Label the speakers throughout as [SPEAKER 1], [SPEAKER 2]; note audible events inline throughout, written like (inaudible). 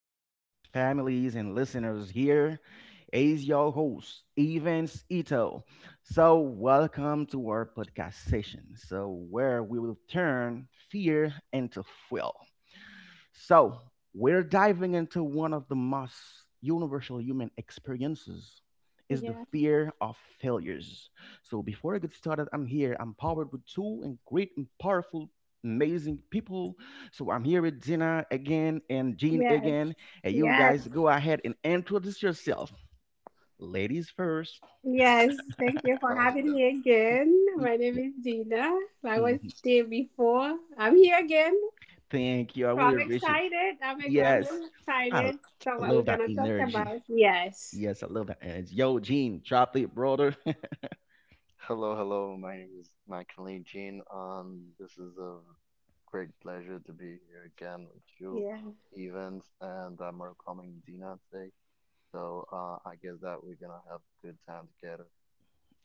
[SPEAKER 1] friends, families, and listeners, here is your host, Evans Ito. Welcome to our podcast session. Where we will turn fear into fuel. So, we're diving into one of the most universal human experiences is the
[SPEAKER 2] Yeah.
[SPEAKER 1] fear of failures. So, before I get started, I'm here. I'm powered with two and great and powerful amazing people. So, I'm here with Gina again and Jean
[SPEAKER 2] Yes,
[SPEAKER 1] again. And you
[SPEAKER 2] yes,
[SPEAKER 1] guys go ahead and introduce yourself. Ladies first.
[SPEAKER 2] yes. Thank you for
[SPEAKER 3] Uh,
[SPEAKER 2] having
[SPEAKER 3] d-
[SPEAKER 2] me again.
[SPEAKER 1] Y-
[SPEAKER 2] My name is Dina. I was
[SPEAKER 1] mhm.
[SPEAKER 2] there before. I'm here again.
[SPEAKER 1] Thank you. I
[SPEAKER 2] So
[SPEAKER 1] really
[SPEAKER 2] I'm
[SPEAKER 1] appreciate
[SPEAKER 2] excited. I'm,
[SPEAKER 1] it.
[SPEAKER 2] ex- I'm
[SPEAKER 1] Yes.
[SPEAKER 2] really
[SPEAKER 1] I I
[SPEAKER 2] excited. So what we're
[SPEAKER 1] love that
[SPEAKER 2] gonna talk
[SPEAKER 1] energy.
[SPEAKER 2] about? Yes.
[SPEAKER 1] Yes, I love that energy. Yo, Gene, drop it, brother.
[SPEAKER 3] Hello, hello. My name is Michael Lee Jean, and this is a great pleasure to be here again with you,
[SPEAKER 2] Yeah.
[SPEAKER 3] Evans, and I'm welcoming Dina today. So I guess that we're gonna have a good time together.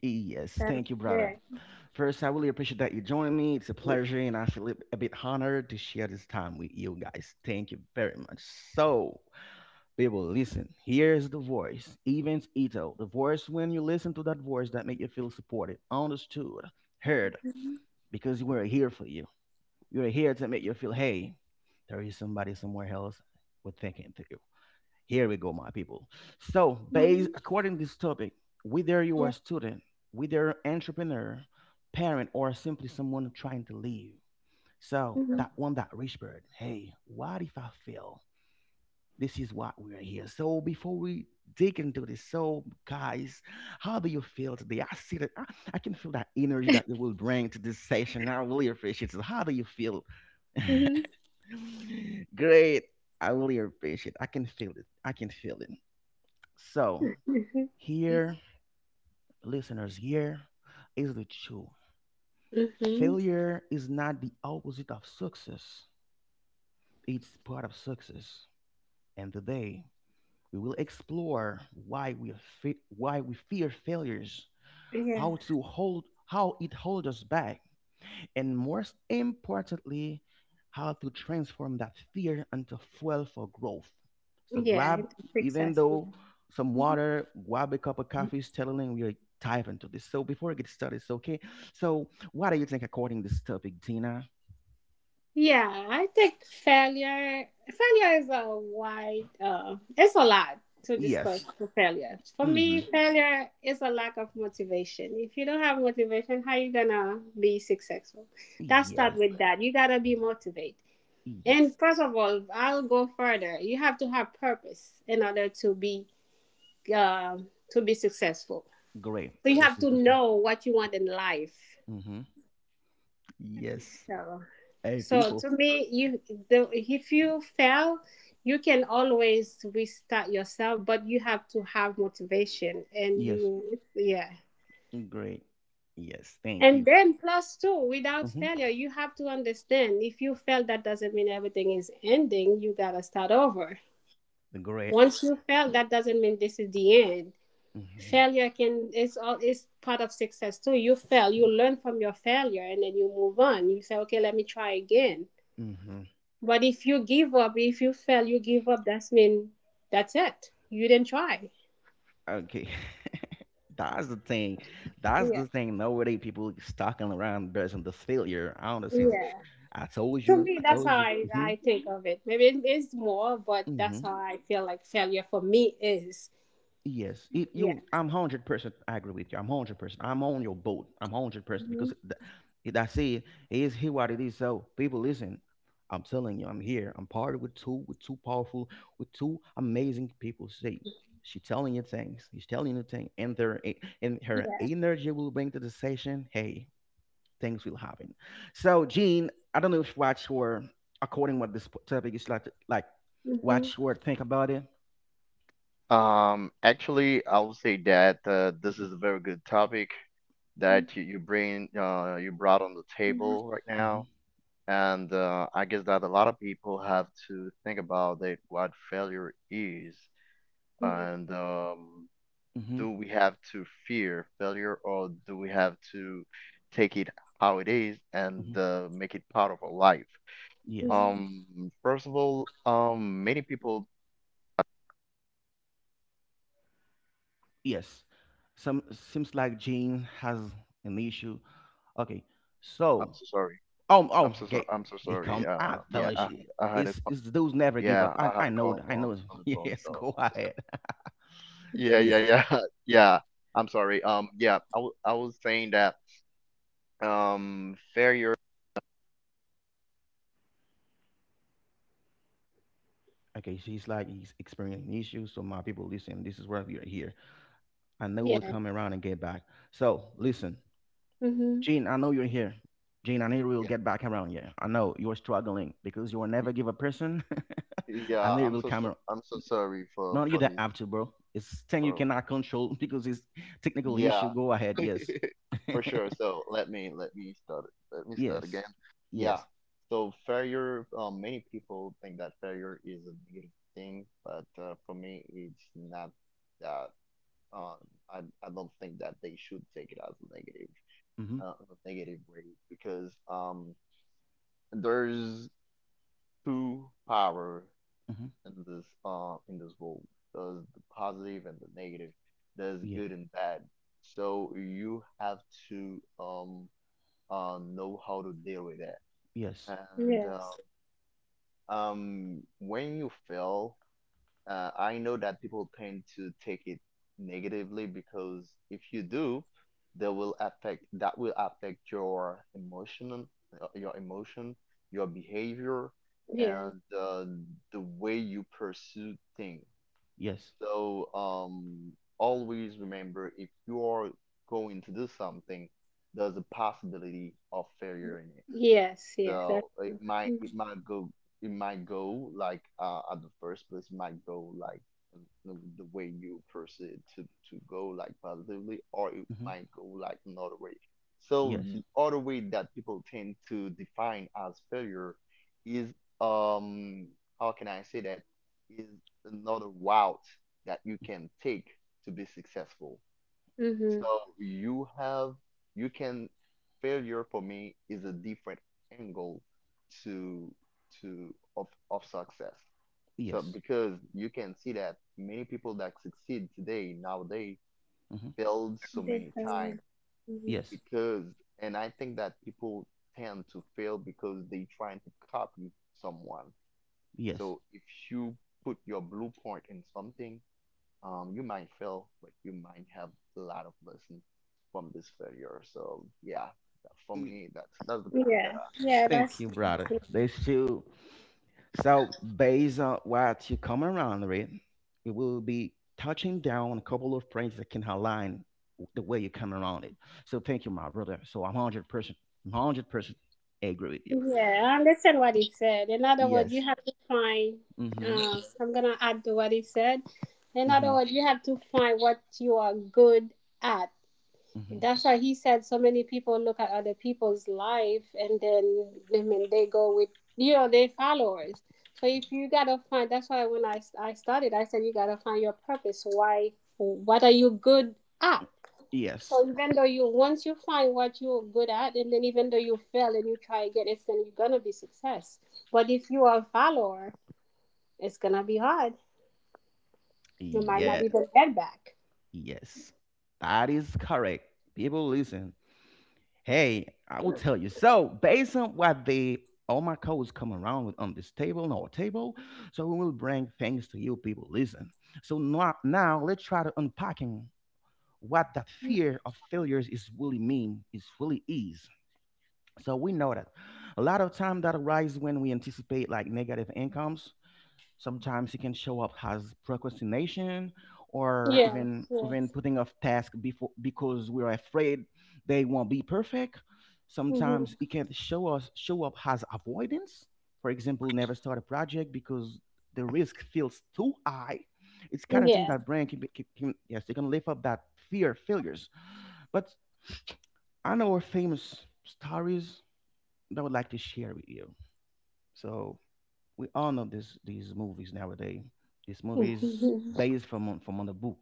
[SPEAKER 1] Yes,
[SPEAKER 2] That's
[SPEAKER 1] thank you, brother.
[SPEAKER 2] it.
[SPEAKER 1] First, I really appreciate that you joined me. It's a pleasure, and I feel a bit honored to share this time with you guys. Thank you very much. So, people, listen. Here's the voice, Evans Ito. The voice when you listen to that voice that make you feel supported, understood, heard, because we're here for you. We're here to make you feel, hey, there is somebody somewhere else with thinking to you. Here we go, my people. So,
[SPEAKER 2] Hmm.
[SPEAKER 1] based according to this topic, whether you are
[SPEAKER 2] Yeah.
[SPEAKER 1] a student, whether entrepreneur, parent, or simply someone trying to leave. So
[SPEAKER 2] Mm-hmm.
[SPEAKER 1] that one that rich bird, hey, what if I fail? This is what we're here. So before we dig into this, so guys, how do you feel today? I see that I can feel that energy that you will bring to this session. I really appreciate it. How do you feel? (laughs)
[SPEAKER 2] Mm-hmm.
[SPEAKER 1] Great. I really appreciate it. I can feel it. I can feel it. So,
[SPEAKER 2] Mm-hmm.
[SPEAKER 1] here, listeners, here is the truth.
[SPEAKER 2] Mm-hmm.
[SPEAKER 1] Failure is not the opposite of success, it's part of success. And today, we will explore why why we fear failures,
[SPEAKER 2] Yeah.
[SPEAKER 1] how it holds us back, and most importantly, how to transform that fear into fuel for growth. So
[SPEAKER 2] Yeah.
[SPEAKER 1] grab,
[SPEAKER 2] It fixes
[SPEAKER 1] even
[SPEAKER 2] us.
[SPEAKER 1] though some water, grab a cup of coffee, is telling we are dive into this. So before I get started, it's okay. So what do you think according to this topic, Tina?
[SPEAKER 2] Yeah, I think failure is a wide, it's a lot to discuss
[SPEAKER 1] Yes.
[SPEAKER 2] for failure. For me,
[SPEAKER 1] Mm-hmm.
[SPEAKER 2] failure is a lack of motivation. If you don't have motivation, how you gonna be successful? That start
[SPEAKER 1] Yes.
[SPEAKER 2] with that. You gotta be motivated. And
[SPEAKER 1] Yes.
[SPEAKER 2] first of all, I'll go further. You have to have purpose in order to be successful.
[SPEAKER 1] Great.
[SPEAKER 2] So you
[SPEAKER 1] This
[SPEAKER 2] have
[SPEAKER 1] is
[SPEAKER 2] to
[SPEAKER 1] the thing.
[SPEAKER 2] know what you want in life.
[SPEAKER 1] Mm-hmm. Yes.
[SPEAKER 2] So
[SPEAKER 1] Hey,
[SPEAKER 2] So
[SPEAKER 1] people.
[SPEAKER 2] to me, if you fail, you can always restart yourself, but you have to have motivation and you
[SPEAKER 1] Yes.
[SPEAKER 2] yeah.
[SPEAKER 1] Great. Yes. Thank
[SPEAKER 2] And
[SPEAKER 1] you.
[SPEAKER 2] then plus two, without
[SPEAKER 1] Mm-hmm.
[SPEAKER 2] failure, you have to understand if you fail, that doesn't mean everything is ending. You gotta start over.
[SPEAKER 1] Great.
[SPEAKER 2] Once you fail, that doesn't mean this is the end.
[SPEAKER 1] Mm-hmm.
[SPEAKER 2] Failure can is all is part of success too. You fail, you learn from your failure, and then you move on. You say, okay, let me try again.
[SPEAKER 1] Mm-hmm.
[SPEAKER 2] But if you give up, if you fail, you give up, that's mean that's it. You didn't try.
[SPEAKER 1] Okay. (laughs) That's the thing. That's
[SPEAKER 2] Yeah.
[SPEAKER 1] the thing. Nowadays, people stalking around based on the failure. I understand it.
[SPEAKER 2] Yeah.
[SPEAKER 1] I told
[SPEAKER 2] To
[SPEAKER 1] you.
[SPEAKER 2] me,
[SPEAKER 1] I
[SPEAKER 2] that's
[SPEAKER 1] told
[SPEAKER 2] how
[SPEAKER 1] you.
[SPEAKER 2] I,
[SPEAKER 1] Hmm.
[SPEAKER 2] I think of it. Maybe it is more, but that's
[SPEAKER 1] Hmm.
[SPEAKER 2] how I feel like failure for me is.
[SPEAKER 1] Yes. It,
[SPEAKER 2] Yeah.
[SPEAKER 1] you. I'm 100% agree with you. I'm 100%. I'm on your boat. I'm 100% because
[SPEAKER 2] Hmm.
[SPEAKER 1] th- it, I see it is here what it is. So people, listen. I'm telling you, I'm here. I'm partnered with two powerful, with two amazing people. See, she telling you things. She's telling you things, and her
[SPEAKER 2] Yeah.
[SPEAKER 1] energy will bring to the session. Hey, things will happen. So, Jean, I don't know if what you according what this topic is like
[SPEAKER 2] Hmm.
[SPEAKER 1] what you think about it.
[SPEAKER 3] Actually, I would say that this is a very good topic
[SPEAKER 2] Hmm.
[SPEAKER 3] that you brought on the table right
[SPEAKER 1] Hmm.
[SPEAKER 3] now, and I guess that a lot of people have to think about that what failure is, and
[SPEAKER 1] Hmm.
[SPEAKER 3] do we have to fear failure or do we have to take it how it is and
[SPEAKER 1] Hmm.
[SPEAKER 3] make it part of our life?
[SPEAKER 2] Hmm.
[SPEAKER 1] Yes,
[SPEAKER 3] First of all, many people
[SPEAKER 1] yes. Some seems like Jean has an issue. Okay,
[SPEAKER 3] I'm
[SPEAKER 1] so
[SPEAKER 3] so sorry.
[SPEAKER 1] oh oh,
[SPEAKER 3] I'm so
[SPEAKER 1] okay.
[SPEAKER 3] sorry. I'm so
[SPEAKER 1] He
[SPEAKER 3] sorry.
[SPEAKER 1] come. I
[SPEAKER 3] Yeah, I
[SPEAKER 1] thought
[SPEAKER 3] had
[SPEAKER 1] you.
[SPEAKER 3] I had a
[SPEAKER 1] It's
[SPEAKER 3] call.
[SPEAKER 1] it's the dudes never give up.
[SPEAKER 3] Yeah,
[SPEAKER 1] I
[SPEAKER 3] I had
[SPEAKER 1] I
[SPEAKER 3] a
[SPEAKER 1] know
[SPEAKER 3] call
[SPEAKER 1] that. I know.
[SPEAKER 3] on
[SPEAKER 1] (laughs)
[SPEAKER 3] the phone,
[SPEAKER 1] Yes,
[SPEAKER 3] so
[SPEAKER 1] go
[SPEAKER 3] I'm so
[SPEAKER 1] ahead.
[SPEAKER 3] sorry.
[SPEAKER 1] (laughs)
[SPEAKER 3] Yeah,
[SPEAKER 1] Yeah.
[SPEAKER 3] yeah, yeah, (laughs) yeah. I'm sorry. Yeah, I was saying that failure
[SPEAKER 1] Okay, she's like he's experiencing issues. So my people, listen. This is where we are here. And they will
[SPEAKER 2] Yeah.
[SPEAKER 1] come around and get back. So listen,
[SPEAKER 2] Hmm.
[SPEAKER 1] Gene, I know you're here. Gene, I know you
[SPEAKER 4] Yeah,
[SPEAKER 1] will get back around here. I know you're struggling because you will
[SPEAKER 4] y-
[SPEAKER 1] never give a person. (laughs)
[SPEAKER 4] yeah.
[SPEAKER 1] I know
[SPEAKER 4] I'm
[SPEAKER 1] you will
[SPEAKER 4] so so-
[SPEAKER 1] come around.
[SPEAKER 4] I'm so sorry for
[SPEAKER 1] No,
[SPEAKER 4] for
[SPEAKER 1] you don't
[SPEAKER 4] these
[SPEAKER 1] have to, bro. It's thing you
[SPEAKER 4] for for-
[SPEAKER 1] cannot control (laughs) because it's technical
[SPEAKER 4] yeah
[SPEAKER 1] issue. Go ahead. Yes.
[SPEAKER 4] (laughs)
[SPEAKER 1] (laughs)
[SPEAKER 4] for sure So let me start again.
[SPEAKER 1] Yes.
[SPEAKER 4] Yeah.
[SPEAKER 1] Yes.
[SPEAKER 4] So failure. Many people think that failure is a negative thing, but for me, it's not that. Um, I don't think that they should take it as
[SPEAKER 1] Mm-hmm.
[SPEAKER 4] a negative way because there's two power
[SPEAKER 1] Mm-hmm.
[SPEAKER 4] in this world. There's the positive and the negative. There's
[SPEAKER 1] Yeah.
[SPEAKER 4] good and bad. So you have to know how to deal with that.
[SPEAKER 1] Yes.
[SPEAKER 4] And
[SPEAKER 2] Yes.
[SPEAKER 4] when you fail, I know that people tend to take it negatively because if you do, that will affect your emotion, uh, your emotion, your behavior,
[SPEAKER 2] Yeah.
[SPEAKER 4] and the way you pursue things.
[SPEAKER 1] Yes.
[SPEAKER 4] So always remember if you are going to do something, there's a possibility of failure in it.
[SPEAKER 2] Yes. Yes.
[SPEAKER 4] So
[SPEAKER 2] That's
[SPEAKER 4] it
[SPEAKER 2] true.
[SPEAKER 4] might it might go it might go like at the first place it might go like in the way you perceive it to go like positively, or it
[SPEAKER 1] Mm-hmm.
[SPEAKER 4] might go like another way. So
[SPEAKER 1] Yes.
[SPEAKER 4] the other way that people tend to define as failure is um how can I say that is another route that you can take to be successful.
[SPEAKER 2] Mm-hmm.
[SPEAKER 4] So you have you can failure for me is a different angle to of success. So
[SPEAKER 1] Yes.
[SPEAKER 4] because you can see that many people that succeed today now they
[SPEAKER 1] Mm-hmm.
[SPEAKER 4] failed so
[SPEAKER 2] They
[SPEAKER 4] many
[SPEAKER 2] fell.
[SPEAKER 4] times
[SPEAKER 2] Mm-hmm.
[SPEAKER 1] Yes.
[SPEAKER 4] because and I think that people tend to fail because they trying to copy someone.
[SPEAKER 1] Yes.
[SPEAKER 4] So if you put your blueprint in something, you might fail, but you might have a lot of lesson from this failure. So yeah, for
[SPEAKER 1] Mm,
[SPEAKER 4] me, that's the point that
[SPEAKER 2] Yeah.
[SPEAKER 4] I
[SPEAKER 2] Yeah.
[SPEAKER 4] wanted
[SPEAKER 1] thank
[SPEAKER 2] That's
[SPEAKER 4] to
[SPEAKER 1] you,
[SPEAKER 4] put on.
[SPEAKER 1] brother.
[SPEAKER 2] true.
[SPEAKER 1] There's two. So based on what you come around with, we will be touching down a couple of points that can align the way you come around it. So thank you, my brother. So I'm 100%, 100% agree with you.
[SPEAKER 2] Yeah, I understand what he said. In other words,
[SPEAKER 1] Yes.
[SPEAKER 2] you have to find.
[SPEAKER 1] Mm-hmm.
[SPEAKER 2] I'm gonna add to what he said. In other
[SPEAKER 1] Mm-hmm.
[SPEAKER 2] words, you have to find what you are good at.
[SPEAKER 1] Mm-hmm.
[SPEAKER 2] That's why he said so many people look at other people's life and then, I mean, they go with their followers. So if you gotta find, that's why when I started, I said you gotta find your purpose. Why? What are you good at?
[SPEAKER 1] Yes.
[SPEAKER 2] So even though you once you find what you're good at, and then even though you fail and you try again, it's gonna you're gonna be success. But if you are a follower, it's gonna be hard. You might
[SPEAKER 1] Yeah.
[SPEAKER 2] not even get back.
[SPEAKER 1] Yes. That is correct. People listen. Hey, I will tell you. So, based on what the all my codes come around with on this table and our table, so we will bring things to you people. Listen. So now, now let's try to unpacking what that fear of failures is really mean, is really is. So we know that a lot of time that arises when we anticipate like negative incomes. Sometimes it can show up as procrastination or
[SPEAKER 2] Yeah.
[SPEAKER 1] even
[SPEAKER 2] Yes.
[SPEAKER 1] putting off tasks before because we're afraid they won't be perfect. Sometimes
[SPEAKER 2] Mhm.
[SPEAKER 1] it can show us show up as avoidance. For example, never start a project because the risk feels too high. It's kind of thing
[SPEAKER 2] Yeah.
[SPEAKER 1] that brain can, be, can yes, they can lift up that fear of failures. But I know our famous stories that I would like to share with you. So we all know this these movies nowadays. These movies
[SPEAKER 2] Mhm.
[SPEAKER 1] based from on the book.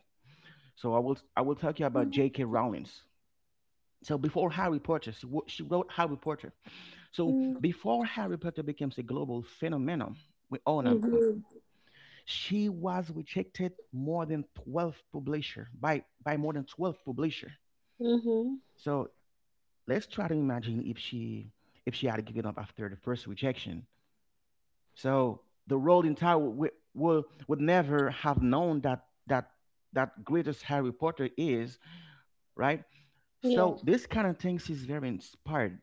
[SPEAKER 1] So I will talk you about
[SPEAKER 2] Mhm.
[SPEAKER 1] J.K. Rowling's. So before Harry Potter, she wrote Harry Potter. So before Harry Potter becomes a global phenomenon, we all know mm,
[SPEAKER 2] Mhm.
[SPEAKER 1] she was rejected more than 12 publisher by more than 12 publisher.
[SPEAKER 2] Mhm.
[SPEAKER 1] So let's try to imagine if she had given up after the first rejection. So the world Tower wi- will would never have known that that greatest Harry Potter is right.
[SPEAKER 2] Yeah.
[SPEAKER 1] So this kind of things is very inspired.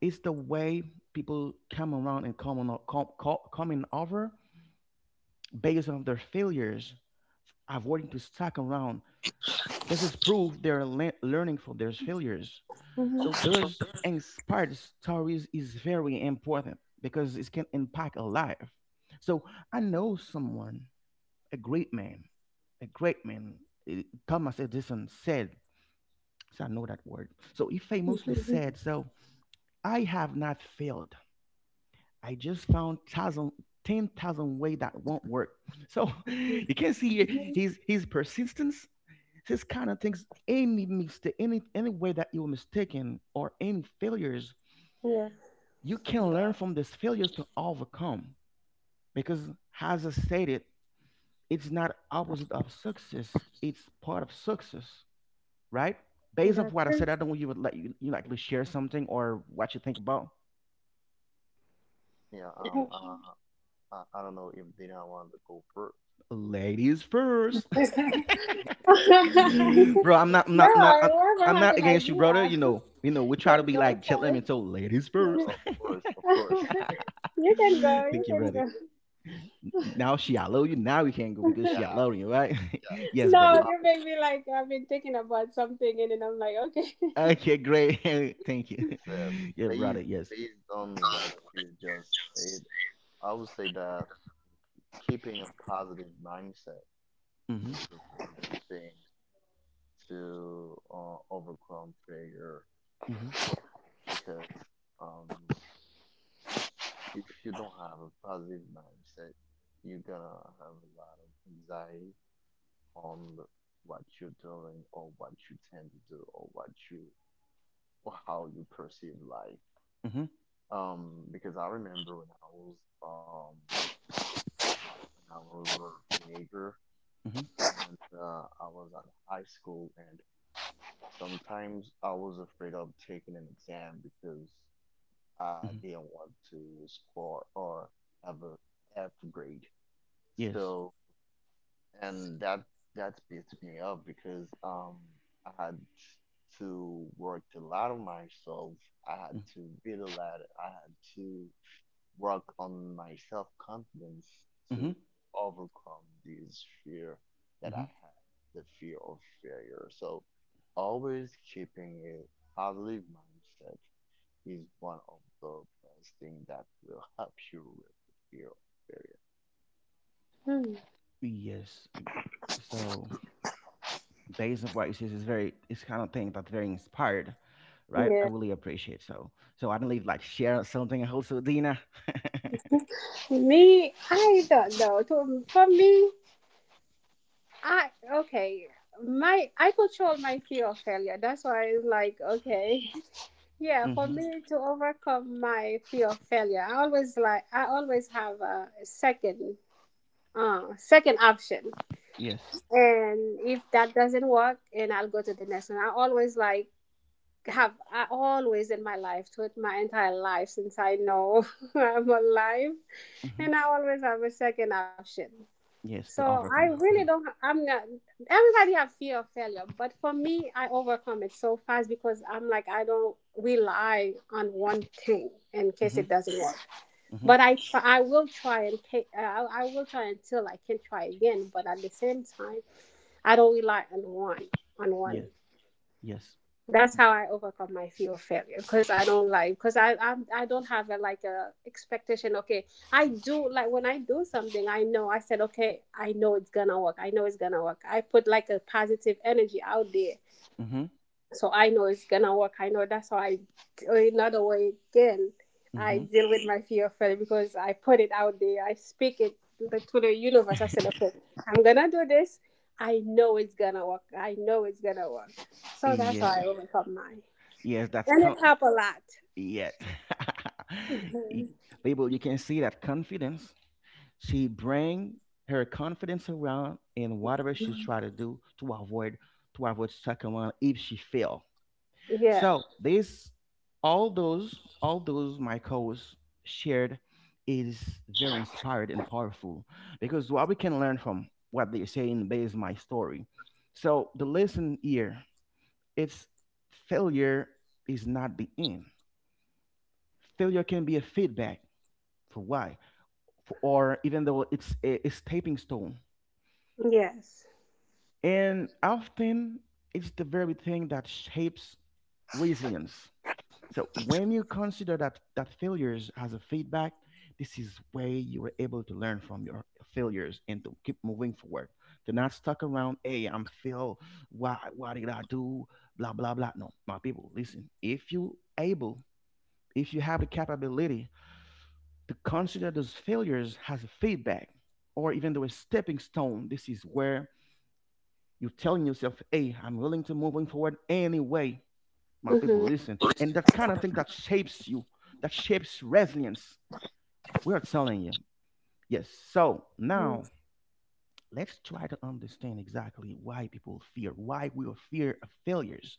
[SPEAKER 1] It's the way people come around and come on, come, come, coming over based on their failures, avoiding to stuck around. This is proof learning from their failures.
[SPEAKER 2] Mhm.
[SPEAKER 1] So there's inspired stories is very important because it can impact a life. So I know someone. A great man, a great man. Thomas Edison said, so I know that word. So he famously said,
[SPEAKER 2] Mhm.
[SPEAKER 1] so I have not failed. I just 10,000 ways that won't work. So (laughs) you can see here
[SPEAKER 2] Mhm.
[SPEAKER 1] his persistence, this kind of things, any mistake, any way that you were mistaken or any failures,
[SPEAKER 2] Yeah.
[SPEAKER 1] you
[SPEAKER 4] Mm.
[SPEAKER 1] can
[SPEAKER 4] Yeah,
[SPEAKER 1] learn from these failures to overcome. Because as I stated, it's not opposite of success, it's part of success, right? Based off what I said, I
[SPEAKER 2] That's
[SPEAKER 1] don't want you would let you, you likely share something or what you think about.
[SPEAKER 4] yeah. I don't know if Dina wanted to go first.
[SPEAKER 1] Ladies
[SPEAKER 2] true.
[SPEAKER 1] first,
[SPEAKER 2] (laughs)
[SPEAKER 1] (laughs) bro.
[SPEAKER 2] No, whoever
[SPEAKER 1] I'm
[SPEAKER 2] has
[SPEAKER 1] not
[SPEAKER 2] an
[SPEAKER 1] against you, brother.
[SPEAKER 2] idea
[SPEAKER 1] You
[SPEAKER 2] (laughs)
[SPEAKER 1] know, you know, we try to
[SPEAKER 2] can
[SPEAKER 1] be
[SPEAKER 2] go
[SPEAKER 1] like
[SPEAKER 2] for
[SPEAKER 1] chilling and so ladies
[SPEAKER 4] Yeah,
[SPEAKER 1] first.
[SPEAKER 4] of course, of course.
[SPEAKER 2] it.
[SPEAKER 4] (laughs)
[SPEAKER 1] (laughs)
[SPEAKER 2] (laughs) You can go. You
[SPEAKER 1] Think you,
[SPEAKER 2] can
[SPEAKER 1] ready?
[SPEAKER 2] go. (laughs)
[SPEAKER 1] Now she allow you. Now we can go because she
[SPEAKER 4] Yeah,
[SPEAKER 1] allow you, right?
[SPEAKER 4] yeah.
[SPEAKER 1] (laughs) Yes, brother.
[SPEAKER 2] No, you make me like I've been thinking about something, and then I'm like, okay. (laughs)
[SPEAKER 1] Okay, great. (laughs) Thank you.
[SPEAKER 4] It's
[SPEAKER 1] (laughs) Yeah,
[SPEAKER 4] based
[SPEAKER 1] brother. Yes.
[SPEAKER 4] based on what you just said. I would say that keeping a positive mindset
[SPEAKER 1] Mhm.
[SPEAKER 4] is a very good thing to overcome failure
[SPEAKER 1] Mhm.
[SPEAKER 4] because um if you don't have a positive mindset, you're gonna have a lot of anxiety on what you're doing, or what you tend to do, or what you or how you perceive life.
[SPEAKER 1] Mhm.
[SPEAKER 4] Because I remember when I was when I was a teenager,
[SPEAKER 1] Mhm.
[SPEAKER 4] and I was at high school, and sometimes I was afraid of taking an exam because I
[SPEAKER 1] Mhm.
[SPEAKER 4] didn't want to score or have a F grade.
[SPEAKER 1] Yes.
[SPEAKER 4] So and that that beats me up because I had to work a lot on myself. I had to read a lot. I had to work on my self confidence to
[SPEAKER 1] Mhm.
[SPEAKER 4] overcome this fear that I
[SPEAKER 1] Mhm.
[SPEAKER 4] had, the fear of failure. So always keeping a positive mindset is one of the best things that will help you with the fear of failure.
[SPEAKER 2] Hmm.
[SPEAKER 1] Yes. So, based on what you righteousness is very it's kind of thing that's very inspired, right? I
[SPEAKER 2] Yeah.
[SPEAKER 1] really appreciate. So so I don't leave like share something also Dina.
[SPEAKER 2] Me, I don't know. For me, I okay. My I control my fear of failure. That's why it's like okay. (laughs) Yeah, for
[SPEAKER 1] Mm-hmm.
[SPEAKER 2] me to overcome my fear of failure, I always have a second option,
[SPEAKER 1] Yes.
[SPEAKER 2] and if that doesn't work and I'll go to the next one, I always like have always in my life, throughout my entire life, since I know (laughs) I'm alive,
[SPEAKER 1] Mm-hmm.
[SPEAKER 2] and I always have a second option.
[SPEAKER 1] Yes
[SPEAKER 2] So
[SPEAKER 1] to
[SPEAKER 2] I
[SPEAKER 1] overcome.
[SPEAKER 2] really
[SPEAKER 1] Mm-hmm.
[SPEAKER 2] don't. I'm not. Everybody have fear of failure, but for me, I overcome it so fast because I'm like I don't rely on one thing in case
[SPEAKER 1] Mm-hmm.
[SPEAKER 2] it doesn't work.
[SPEAKER 1] Mm-hmm.
[SPEAKER 2] But I try, I will try and I will try until I can try again. But at the same time, I don't rely on one on
[SPEAKER 1] Yeah.
[SPEAKER 2] one
[SPEAKER 1] Yes.
[SPEAKER 2] That's how I overcome my fear of failure because I don't like because I don't have a, like, a expectation. Okay, I do like when I do something, I know I said okay, I know it's gonna work. I know it's gonna work. I put like a positive energy out there,
[SPEAKER 1] Mm-hmm.
[SPEAKER 2] so I know it's gonna work. I know that's how I. Or another way again, I
[SPEAKER 1] Mm-hmm.
[SPEAKER 2] deal with my fear of failure because I put it out there. I speak it to the universe. I said okay, I'm gonna do this. I know it's gonna work. I know it's gonna work.
[SPEAKER 1] (laughs)
[SPEAKER 2] So that's how
[SPEAKER 1] Yeah.
[SPEAKER 2] I overcome mine
[SPEAKER 1] yes that's
[SPEAKER 2] and
[SPEAKER 1] con-
[SPEAKER 2] it helped a lot.
[SPEAKER 1] Yes. (laughs)
[SPEAKER 2] Hmm.
[SPEAKER 1] Y- People, you can see that confidence she bring her confidence around in whatever she try to do to avoid second one if she fail.
[SPEAKER 2] Yeah.
[SPEAKER 1] So this, all those my co-hosts shared, is very inspired and powerful because what we can learn from what they're saying based my story. So the lesson here, it's failure is not the end. Failure can be a feedback for why, for, or even though it's a stepping stone.
[SPEAKER 2] Yes.
[SPEAKER 1] And often it's the very thing that shapes resilience. So when you consider that that failures as a feedback, this is where you are able to learn from your failures and to keep moving forward. To not stuck around, hey, I'm fail. Why did I do? Blah blah blah. No, my people, listen. If you able, if you have the capability to consider those failures as a feedback or even though a stepping stone, this is where you're telling yourself, hey, I'm willing to moving forward anyway my people
[SPEAKER 2] Hmm.
[SPEAKER 1] listen and that kind of thing that shapes you that shapes resilience we are telling you yes. So now let's try to understand exactly why people fear, why we are fear of failures.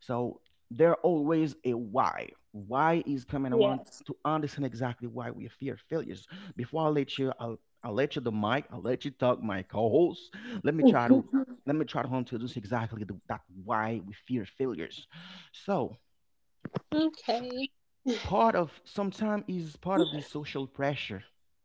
[SPEAKER 1] So there always a why is coming. I want
[SPEAKER 2] Yes.
[SPEAKER 1] to understand exactly why we fear failures before I let you, I'll let you the mic, I'll let you talk my co-host. Let me try to,
[SPEAKER 2] (laughs)
[SPEAKER 1] let me try to introduce exactly that why we fear failures. So
[SPEAKER 2] Okay.
[SPEAKER 1] part of sometimes is part of this social pressure.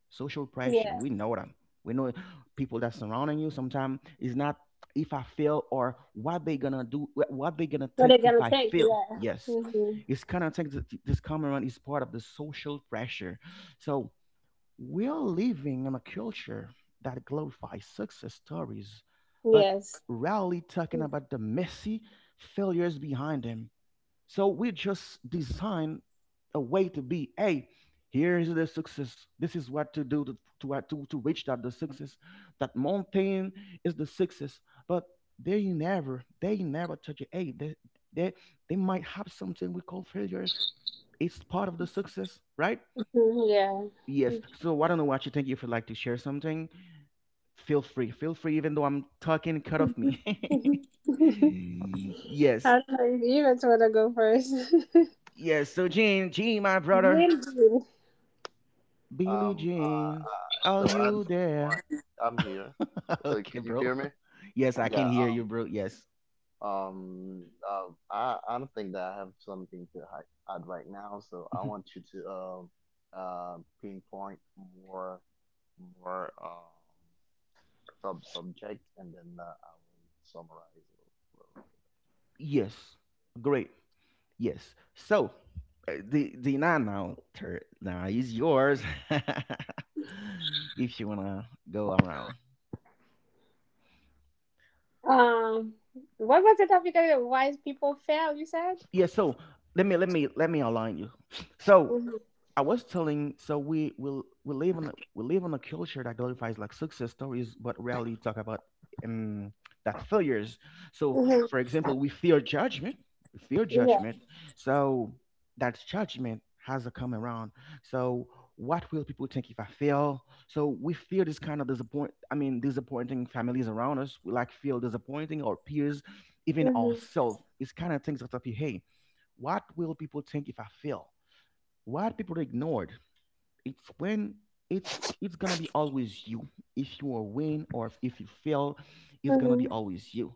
[SPEAKER 1] Social pressure
[SPEAKER 2] Yeah.
[SPEAKER 1] we know them, we know people that surrounding you sometimes is not, if I fail or what they gonna do, what they gonna
[SPEAKER 2] What
[SPEAKER 1] think
[SPEAKER 2] it
[SPEAKER 1] if
[SPEAKER 2] gonna
[SPEAKER 1] I
[SPEAKER 2] take?
[SPEAKER 1] fail,
[SPEAKER 2] Yeah.
[SPEAKER 1] yes.
[SPEAKER 2] Hmm.
[SPEAKER 1] It's kind of think that this come around is part of the social pressure. So we're living in a culture that glorifies success stories but
[SPEAKER 2] Yes.
[SPEAKER 1] rarely talking
[SPEAKER 2] Mhm.
[SPEAKER 1] about the messy failures behind them. So we just design a way to be, hey, here is the success. This is what to do to reach that the success. That mountain is the success. But they never touch it. Hey, they, they might have something we call failures. It's part of the success, right?
[SPEAKER 2] Yeah.
[SPEAKER 1] Yes. So I don't know what you think. If you'd like to share something, feel free. Feel free, even though I'm talking, cut off me.
[SPEAKER 2] Mhm. (laughs)
[SPEAKER 1] (laughs) yes.
[SPEAKER 2] I don't know if you even want to go first. (laughs)
[SPEAKER 1] Yes. So Gene, Gene, my brother.
[SPEAKER 2] Really?
[SPEAKER 1] Billie
[SPEAKER 4] Um, uh,
[SPEAKER 1] Jean,
[SPEAKER 4] uh, so
[SPEAKER 1] are
[SPEAKER 4] at
[SPEAKER 1] you
[SPEAKER 4] this point,
[SPEAKER 1] there?
[SPEAKER 4] I'm here.
[SPEAKER 1] (laughs)
[SPEAKER 4] Can
[SPEAKER 1] okay,
[SPEAKER 4] you hear
[SPEAKER 1] bro.
[SPEAKER 4] me?
[SPEAKER 1] (laughs) Yes, I
[SPEAKER 4] Yeah.
[SPEAKER 1] can hear you, bro. Yes.
[SPEAKER 4] I don't think that I have something to add right now. So I want
[SPEAKER 1] (laughs)
[SPEAKER 4] you to pinpoint more more subject, and then I will summarize a little, little later.
[SPEAKER 1] Yes. Great. Yes. So, the nine now turn now is yours. (laughs) If you wanna go around.
[SPEAKER 2] um, what was the topic of why people fail? You said.
[SPEAKER 1] Yeah so let me align you. So
[SPEAKER 2] Hmm.
[SPEAKER 1] I was telling, so we live in we live in a culture that glorifies like success stories but rarely talk about um that failures. So
[SPEAKER 2] Hmm.
[SPEAKER 1] for example we fear judgment we fear
[SPEAKER 2] Yeah.
[SPEAKER 1] judgment so that judgment has a come around. So what will people think if I fail? So we fear this kind of disappoint, I mean disappointing families around us, we like feel disappointing or peers, even
[SPEAKER 2] Hmm.
[SPEAKER 1] ourselves. It's kind of things that appear. Hey, what will people think if I fail? What people ignored? It's when it's it's gonna be always you. If you are win or if you fail, it's gonna be
[SPEAKER 2] Hmm.
[SPEAKER 1] always you.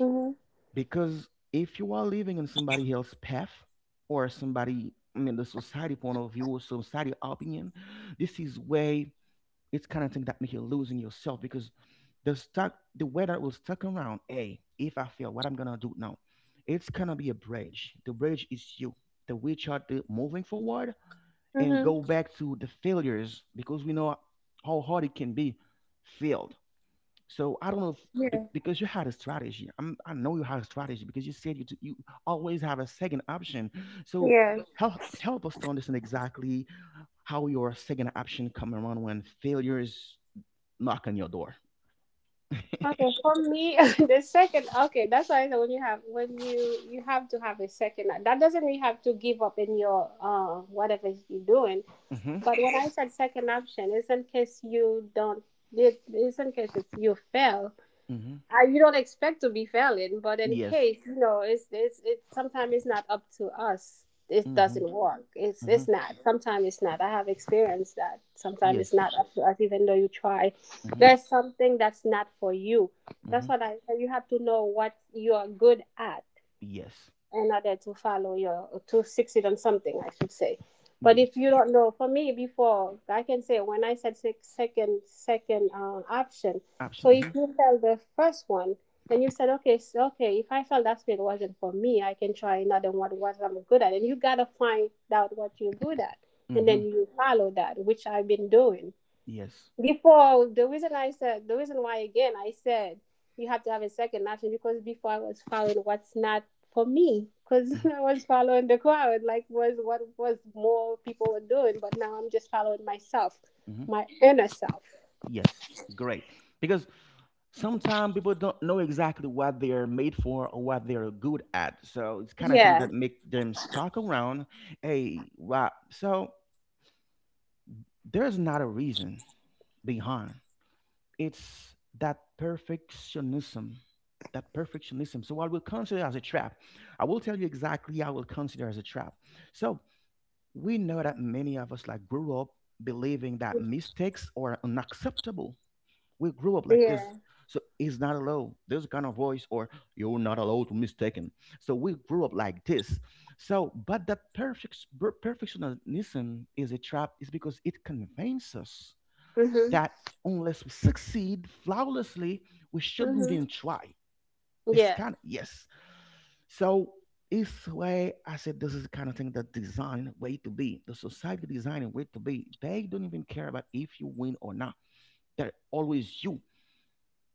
[SPEAKER 2] Hmm.
[SPEAKER 1] Because if you are living in somebody else's path or somebody, I mean the society point of view or society opinion, this is way. It's kind of thing that make you losing yourself because the stuck the weather will stuck around. Hey, if I fail, what I'm gonna do now? It's gonna be a bridge. The bridge is you. The which are the moving forward and
[SPEAKER 2] Hmm.
[SPEAKER 1] go back to the failures because we know how hard it can be failed. So I don't know if
[SPEAKER 2] Yeah.
[SPEAKER 1] because you had a strategy. I'm, I know you had a strategy because you said you always have a second option. So
[SPEAKER 2] Yeah.
[SPEAKER 1] help us to understand exactly how your second option come around when failures knock on your door. (laughs)
[SPEAKER 2] Okay, for me, (laughs) the second. Okay, that's why I said when you have to have a second life. That doesn't mean you have to give up in your whatever you're doing.
[SPEAKER 1] Mm-hmm.
[SPEAKER 2] But when I said second option, it's in case you don't. It's in case you fail,
[SPEAKER 1] Mm-hmm.
[SPEAKER 2] you don't expect to be failing, but in
[SPEAKER 1] Yes.
[SPEAKER 2] case you know, it's it. Sometimes it's not up to us. It
[SPEAKER 1] Mm-hmm.
[SPEAKER 2] doesn't work. It's
[SPEAKER 1] Mm-hmm.
[SPEAKER 2] it's not. Sometimes it's not. I have experienced that. Sometimes it's
[SPEAKER 1] Yes.
[SPEAKER 2] not up to us, even though you try.
[SPEAKER 1] Mm-hmm.
[SPEAKER 2] There's something that's not for you. That's
[SPEAKER 1] Mm-hmm.
[SPEAKER 2] what I said. You have to know what you are good at
[SPEAKER 1] Yes.
[SPEAKER 2] in order to follow your to succeed on something I should say. But if
[SPEAKER 1] Yes.
[SPEAKER 2] you don't know, for me, before I can say, when I said second option, so if
[SPEAKER 1] Option.
[SPEAKER 2] you failed the first one and you said okay, so okay, if I felt that field wasn't for me, I can try another one, what I'm good at. And you gotta find out what you're good at, and
[SPEAKER 1] Mm-hmm.
[SPEAKER 2] then
[SPEAKER 1] Mm-hmm.
[SPEAKER 2] you follow that, which I've been doing
[SPEAKER 1] Yes.
[SPEAKER 2] before. The reason I said, the reason why again I said, you have to have a second option because before I was following what's not for me, because (laughs)
[SPEAKER 1] Mm-hmm.
[SPEAKER 2] I was following the crowd, like was what was more people were doing, but now I'm just following myself,
[SPEAKER 1] Mm-hmm.
[SPEAKER 2] my inner self.
[SPEAKER 1] Yes. Great. Because sometimes people don't know exactly what they're made for or what they're good at. So it's kind of thing
[SPEAKER 2] Yeah.
[SPEAKER 1] that make them stuck around. Hey, wow. So there's not a reason behind. It's that perfectionism, that perfectionism, so I will consider as a trap, I will tell you exactly, I will consider as a trap. So we know that many of us like grew up believing that mistakes are unacceptable. We grew up like
[SPEAKER 2] Yeah.
[SPEAKER 1] this. So it's not allowed, this kind of voice, or you're not allowed to mistaken. So we grew up like this. So but that perfectionism is a trap is because it convinces us
[SPEAKER 2] Mhm.
[SPEAKER 1] that unless we succeed flawlessly, we shouldn't
[SPEAKER 2] Mhm.
[SPEAKER 1] even try. This
[SPEAKER 2] Yeah.
[SPEAKER 1] kind of, yes. So it's where I said this is the kind of thing that design way to be. The society designing way to be. They don't even care about if you win or not. They're always you.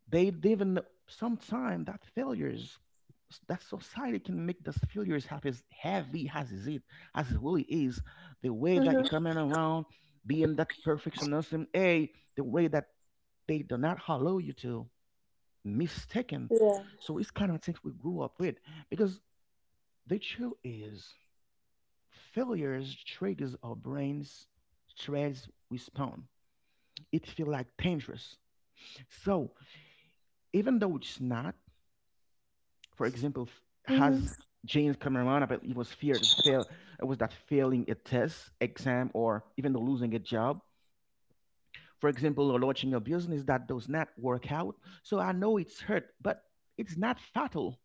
[SPEAKER 1] They didn't even sometimes that failures, that society can make those failures have as heavy as is it as it really is. The way that you
[SPEAKER 2] Mhm.
[SPEAKER 1] coming around being that perfectionism, a the way that they do not allow you to mistaken.
[SPEAKER 2] Yeah.
[SPEAKER 1] So it's kind of things we grew up with because the truth is failures triggers our brains stress response. It feel like dangerous. So even though it's not, for example,
[SPEAKER 2] Mhm.
[SPEAKER 1] has James Cameron, but he was feared to fail. It was that failing a test, exam, or even the losing a job. For example, or launching a business that does not work out. So I know it's hurt, but it's not fatal.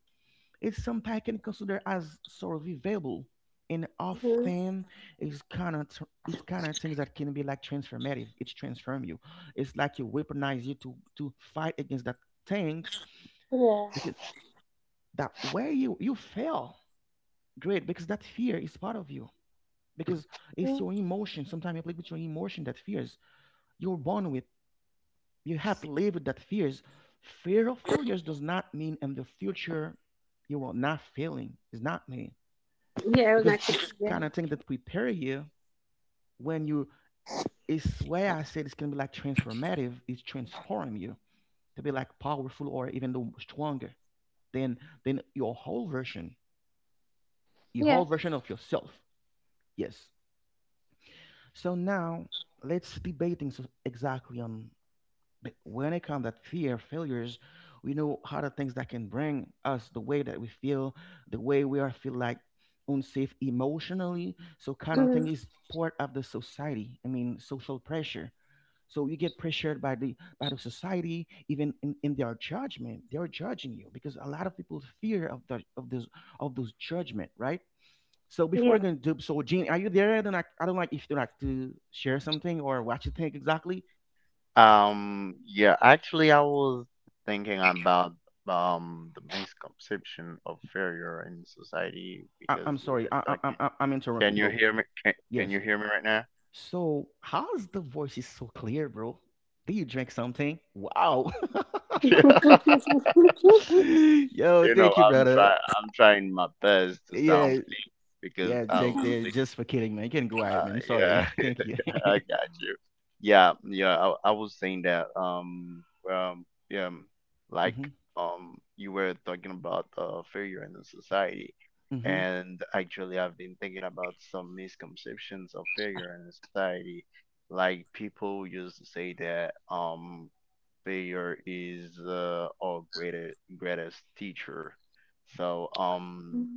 [SPEAKER 1] It's something I can consider as survivable. And
[SPEAKER 2] Mhm.
[SPEAKER 1] often it's kind of it's kind of things that can be like transformative. It's transform you. It's like you weaponize you to fight against that things
[SPEAKER 2] Yeah.
[SPEAKER 1] because that way you you fail. Great, because that fear is part of you. Because it's
[SPEAKER 2] Mhm.
[SPEAKER 1] your emotion. Sometimes you play with your emotion, that fears. You're born with. You have to live with that fears. Fear of failures does not mean in the future you will not failing. It's not mean.
[SPEAKER 2] Yeah. It was
[SPEAKER 1] Because it's
[SPEAKER 2] actually yeah.
[SPEAKER 1] kind of thing that prepare you when you, it's where I said it's gonna be like transformative, it's transform you to be like powerful or even though stronger than than your
[SPEAKER 2] Yeah.
[SPEAKER 1] whole version of yourself. Yes. So now let's debating so exactly on, but when it comes that fear failures, we know how the things that can bring us the way that we feel, the way we are feel like unsafe emotionally. So kind of thing
[SPEAKER 2] Mhm.
[SPEAKER 1] is part of the society. I mean social pressure. So you get pressured by the society, even in their judgment. They're judging you because a lot of people fear of the of this of those judgment, right? So before I'm gonna do so, Gene, are you there? I don't like, I don't like, if you like to share something or what you think exactly.
[SPEAKER 4] Yeah. Actually, I was thinking about the misconception of failure in society
[SPEAKER 1] I,
[SPEAKER 4] because
[SPEAKER 1] I'm
[SPEAKER 4] you were
[SPEAKER 1] sorry,
[SPEAKER 4] talking.
[SPEAKER 1] I, I'm interrupt you,
[SPEAKER 4] Can you
[SPEAKER 1] bro.
[SPEAKER 4] hear me? Can
[SPEAKER 1] Yes.
[SPEAKER 4] you hear me right now?
[SPEAKER 1] So how's the voice is so clear, bro? Do you drink something? Wow.
[SPEAKER 4] (laughs)
[SPEAKER 1] (laughs) Yo,
[SPEAKER 4] You know,
[SPEAKER 1] thank you,
[SPEAKER 4] I'm
[SPEAKER 1] brother.
[SPEAKER 4] trying. I'm trying my best to sound
[SPEAKER 1] Yeah,
[SPEAKER 4] clean because
[SPEAKER 1] yeah,
[SPEAKER 4] I
[SPEAKER 1] Jake.
[SPEAKER 4] will.
[SPEAKER 1] There. Just for kidding, man. You can go ahead, man.
[SPEAKER 4] Yeah,
[SPEAKER 1] Sorry. (laughs) Thank you.
[SPEAKER 4] (laughs)
[SPEAKER 1] (laughs)
[SPEAKER 4] I got you. Yeah, yeah. I was saying that. Um, yeah, um, like
[SPEAKER 1] Mm-hmm,
[SPEAKER 4] you were talking about failure in the society,
[SPEAKER 1] mm-hmm,
[SPEAKER 4] and actually, I've been thinking about some misconceptions of failure in the society. Like people used to say that. Failure is our greatest teacher. So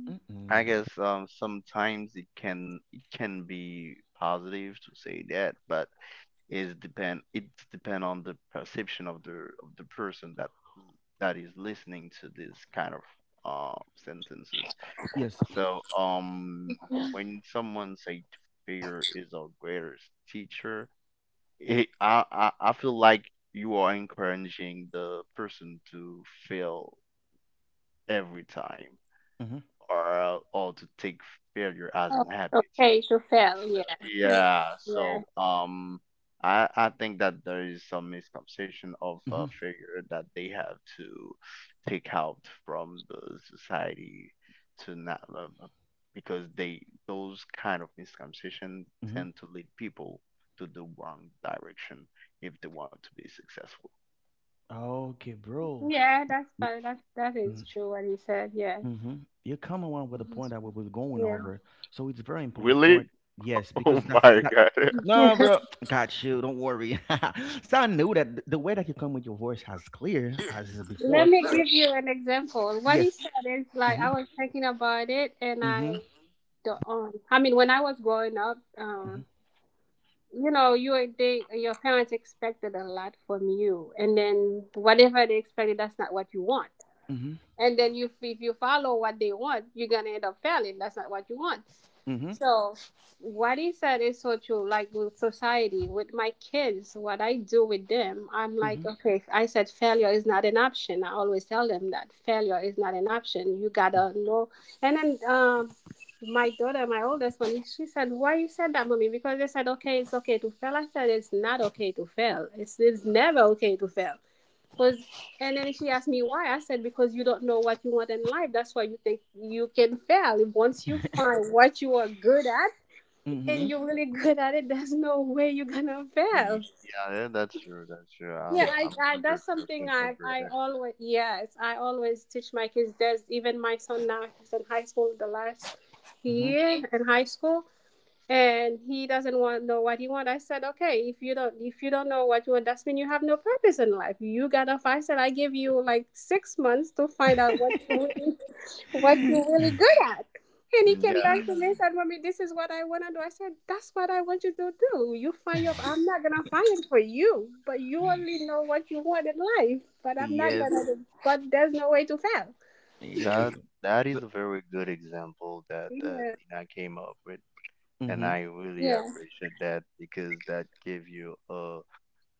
[SPEAKER 4] I
[SPEAKER 1] mm-hmm.
[SPEAKER 4] guess sometimes it can be positive to say that, but it's depend on the perception of the person that is listening to this kind of sentences.
[SPEAKER 1] Yes.
[SPEAKER 4] So
[SPEAKER 2] Yeah. (laughs)
[SPEAKER 4] when someone say failure is our greatest teacher, it, I feel like you are encouraging the person to fail every time,
[SPEAKER 1] Mm-hmm,
[SPEAKER 4] or to take failure as an
[SPEAKER 2] Oh,
[SPEAKER 4] habit.
[SPEAKER 2] okay, to fail.
[SPEAKER 4] So,
[SPEAKER 2] Yeah, (laughs)
[SPEAKER 4] yeah,
[SPEAKER 2] yeah,
[SPEAKER 4] so I think that there is some misconception of a
[SPEAKER 1] mm-hmm,
[SPEAKER 4] figure that they have to take out from the society to not because they those kind of misconception
[SPEAKER 1] mm-hmm.
[SPEAKER 4] tend to lead people to the wrong direction if they want to be successful.
[SPEAKER 1] Okay, bro.
[SPEAKER 2] yeah. That's fine. That is true. What he said. Yeah.
[SPEAKER 1] Hmm. You come along with a
[SPEAKER 2] Mhm.
[SPEAKER 1] point that we were going
[SPEAKER 2] Yeah.
[SPEAKER 1] over, so it's very important
[SPEAKER 4] Really?
[SPEAKER 1] point.
[SPEAKER 4] (laughs)
[SPEAKER 1] Yes,
[SPEAKER 4] Oh
[SPEAKER 1] because that's
[SPEAKER 4] my
[SPEAKER 1] that.
[SPEAKER 4] God. (laughs)
[SPEAKER 1] No, bro, got you. Don't worry. (laughs) So I knew that the way that you come with your voice as clear as
[SPEAKER 2] Let
[SPEAKER 1] before.
[SPEAKER 2] me give you an example. What he
[SPEAKER 1] Yes.
[SPEAKER 2] said is like
[SPEAKER 1] Mm-hmm.
[SPEAKER 2] I was thinking about it, and I
[SPEAKER 1] Mm-hmm.
[SPEAKER 2] don't. I mean, when I was growing up, you were- they your parents expected a lot from you, and then whatever they expected, that's not what you want.
[SPEAKER 1] Mm-hmm.
[SPEAKER 2] And then if you follow what they want, you're gonna end up failing. That's not what you want.
[SPEAKER 1] Mm-hmm.
[SPEAKER 2] So what he said is so true. Like with society, with my kids, what I do with them, I'm
[SPEAKER 1] Mm-hmm.
[SPEAKER 2] like, okay, I said failure is not an option. I always tell them that failure is not an option. You gotta know. And then my daughter, my oldest one, she said, why you said that, mommy? Because they said, okay, it's okay to fail. I said, it's not okay to fail. It's never okay to fail. Cause, and then she asked me why. I said because you don't know what you want in life. That's why you think you can fail. Once you find what you are good at
[SPEAKER 1] Mm-hmm.
[SPEAKER 2] and
[SPEAKER 1] Mm-hmm.
[SPEAKER 2] you're really good at it, there's no way you're gonna fail.
[SPEAKER 4] Yeah, that's true. That's true.
[SPEAKER 1] Eh.
[SPEAKER 2] Yeah, I,
[SPEAKER 4] I'm
[SPEAKER 2] I that's something
[SPEAKER 4] 100%
[SPEAKER 2] I
[SPEAKER 4] agree with
[SPEAKER 2] I
[SPEAKER 4] that.
[SPEAKER 2] always, yes, I always teach my kids. There's even my son now, he's in high school, the last
[SPEAKER 1] Mm-hmm.
[SPEAKER 2] year in high school, and he doesn't want know what he want. I said okay, if you don't know what you want, that's mean you have no purpose in life, you gotta find. I said I give you like 6 months to find out what you're really good at. And he
[SPEAKER 4] Mm,
[SPEAKER 2] came
[SPEAKER 4] yeah.
[SPEAKER 2] back to me and said
[SPEAKER 1] (laughs)
[SPEAKER 2] mommy, this is what I want to do. I said that's what I want you to do, you find your, I'm not gonna find it for you, but you only know what you want in life, but I'm not
[SPEAKER 1] Yes.
[SPEAKER 2] gonna, but there's no way to fail.
[SPEAKER 1] Yes.
[SPEAKER 4] That that
[SPEAKER 1] So,
[SPEAKER 4] is a very good example that
[SPEAKER 2] Yeah.
[SPEAKER 4] Dina came up with, and
[SPEAKER 1] mm-hmm.
[SPEAKER 4] I really appreciate that because that gave you a,